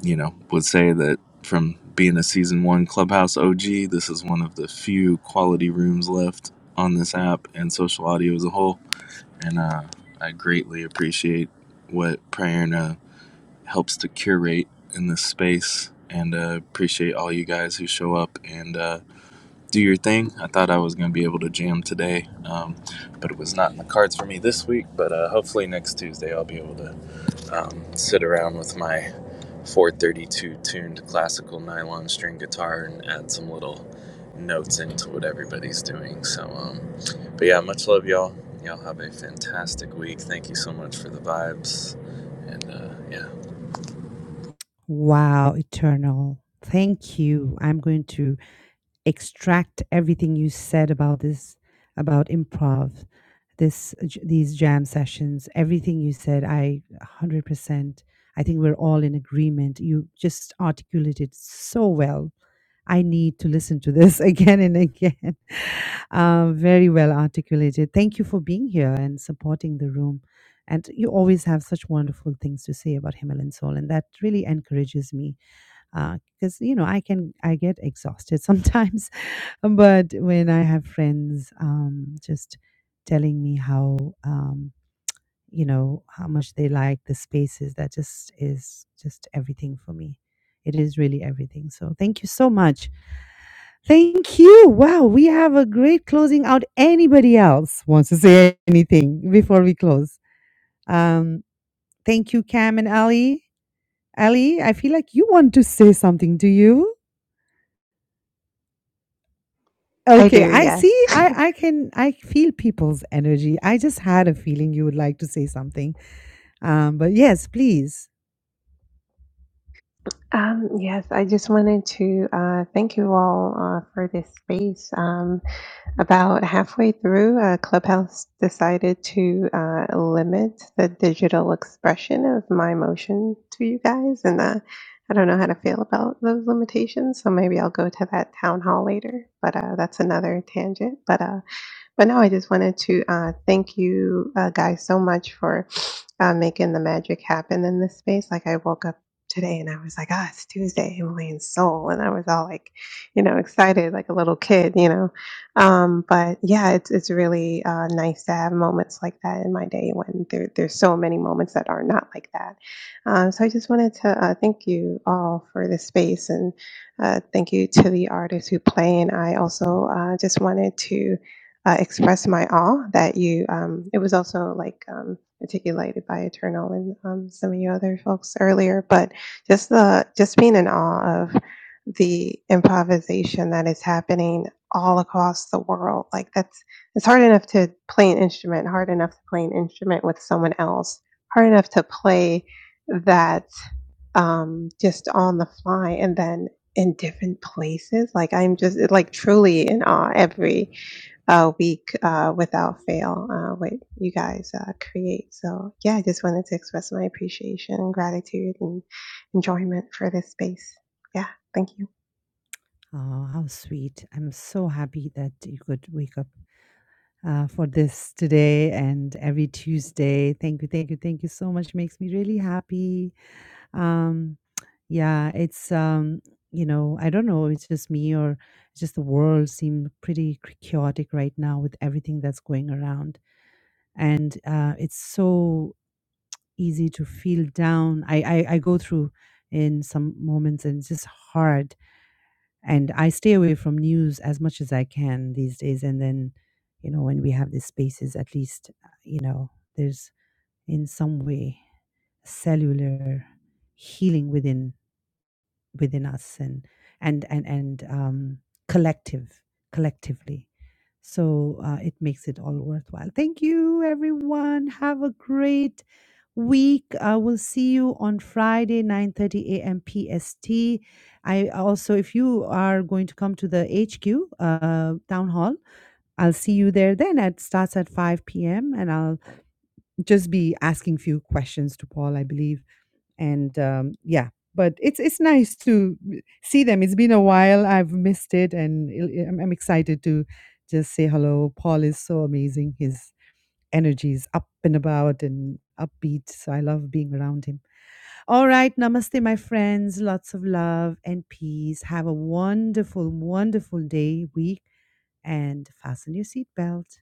Speaker 9: you know, would say that from being a season one Clubhouse OG, this is one of the few quality rooms left on this app and social audio as a whole. And uh, I greatly appreciate what Prayerna helps to curate in this space and uh, appreciate all you guys who show up and, uh, do your thing. I thought I was going to be able to jam today, um, but it was not in the cards for me this week. But uh, hopefully next Tuesday I'll be able to um, sit around with my 432 tuned classical nylon string guitar and add some little notes into what everybody's doing. So, um, but yeah, much love, y'all. Y'all have a fantastic week. Thank you so much for the vibes, and uh, yeah.
Speaker 1: Wow, eternal. Thank you. I'm going to. extract everything you said about this about improv this j- these jam sessions everything you said i 100% i think we're all in agreement you just articulated so well i need to listen to this (laughs) again and again (laughs) uh, very well articulated thank you for being here and supporting the room and you always have such wonderful things to say about Himalayan soul and that really encourages me because you know i can i get exhausted (laughs) sometimes but when I have friends um, just telling me how um, you know how much they like the spaces, that just is just everything for me. It is really everything. So thank you so much. Thank you. Wow, we have a great closing out. Anybody else wants to say anything before we close? Um, thank you, Cam and Ali. Ali, I feel like you want to say something. Do you?
Speaker 10: I
Speaker 1: Okay,
Speaker 10: do,
Speaker 1: I see.
Speaker 10: yes. (laughs)
Speaker 1: I I can I feel people's energy. I just had a feeling you would like to say something. Um, but yes, please.
Speaker 10: um, yes, I just wanted to uh, thank you all uh, for this space. Um, about halfway through, uh, Clubhouse decided to uh, limit the digital expression of my emotion to you guys, and uh, I don't know how to feel about those limitations. So maybe I'll go to that town hall later. But uh, that's another tangent. But uh, but no, I just wanted to uh, thank you uh, guys so much for. on making the magic happen in this space. Like I woke up today and I was like, ah, it's Tuesday, Emily and Soul. And I was all like, you know, excited like a little kid, you know. Um, but yeah, it's it's really uh, nice to have moments like that in my day when there, there's so many moments that are not like that. Um, so I just wanted to uh, thank you all for the space and uh, thank you to the artists who play. And I also uh, just wanted to uh, express my awe that you, um, it was also like um, articulated by Eternal and um, some of you other folks earlier, but just the, just being in awe of the improvisation that is happening all across the world. Like that's, it's hard enough to play an instrument, hard enough to play an instrument with someone else, hard enough to play that um, just on the fly and then in different places. Like I'm just like truly in awe every a week uh, without fail uh, what you guys uh, create. So, yeah, I just wanted to express my appreciation, gratitude, and enjoyment for this space. Yeah, thank you.
Speaker 1: Oh, how sweet. I'm so happy that you could wake up uh, for this today and every Tuesday. Thank you, thank you, thank you so much. Makes me really happy. Um, yeah, it's um, you know, I don't know, it's just me or it's just the world seemed pretty c- chaotic right now with everything that's going around, and uh, it's so easy to feel down. I, I I go through in some moments, and it's just hard. And I stay away from news as much as I can these days. And then, you know, when we have these spaces, at least, uh, you know, there's in some way cellular healing within within us and and and and um, collective collectively. So uh, it makes it all worthwhile. Thank you, everyone. Have a great week. I will see you on Friday, 9:30 a.m. PST. I also, if you are going to come to the HQ uh, town hall, I'll see you there. Then it starts at 5 p.m. and I'll just be asking few questions to Paul, I believe and um, yeah but it's it's nice to see them it's been a while i've missed it and it- i'm I'm excited to just say hello paul is so amazing his energy is up and about and upbeat so i love being around him all right namaste my friends lots of love and peace have a wonderful wonderful day week and fasten your seatbelt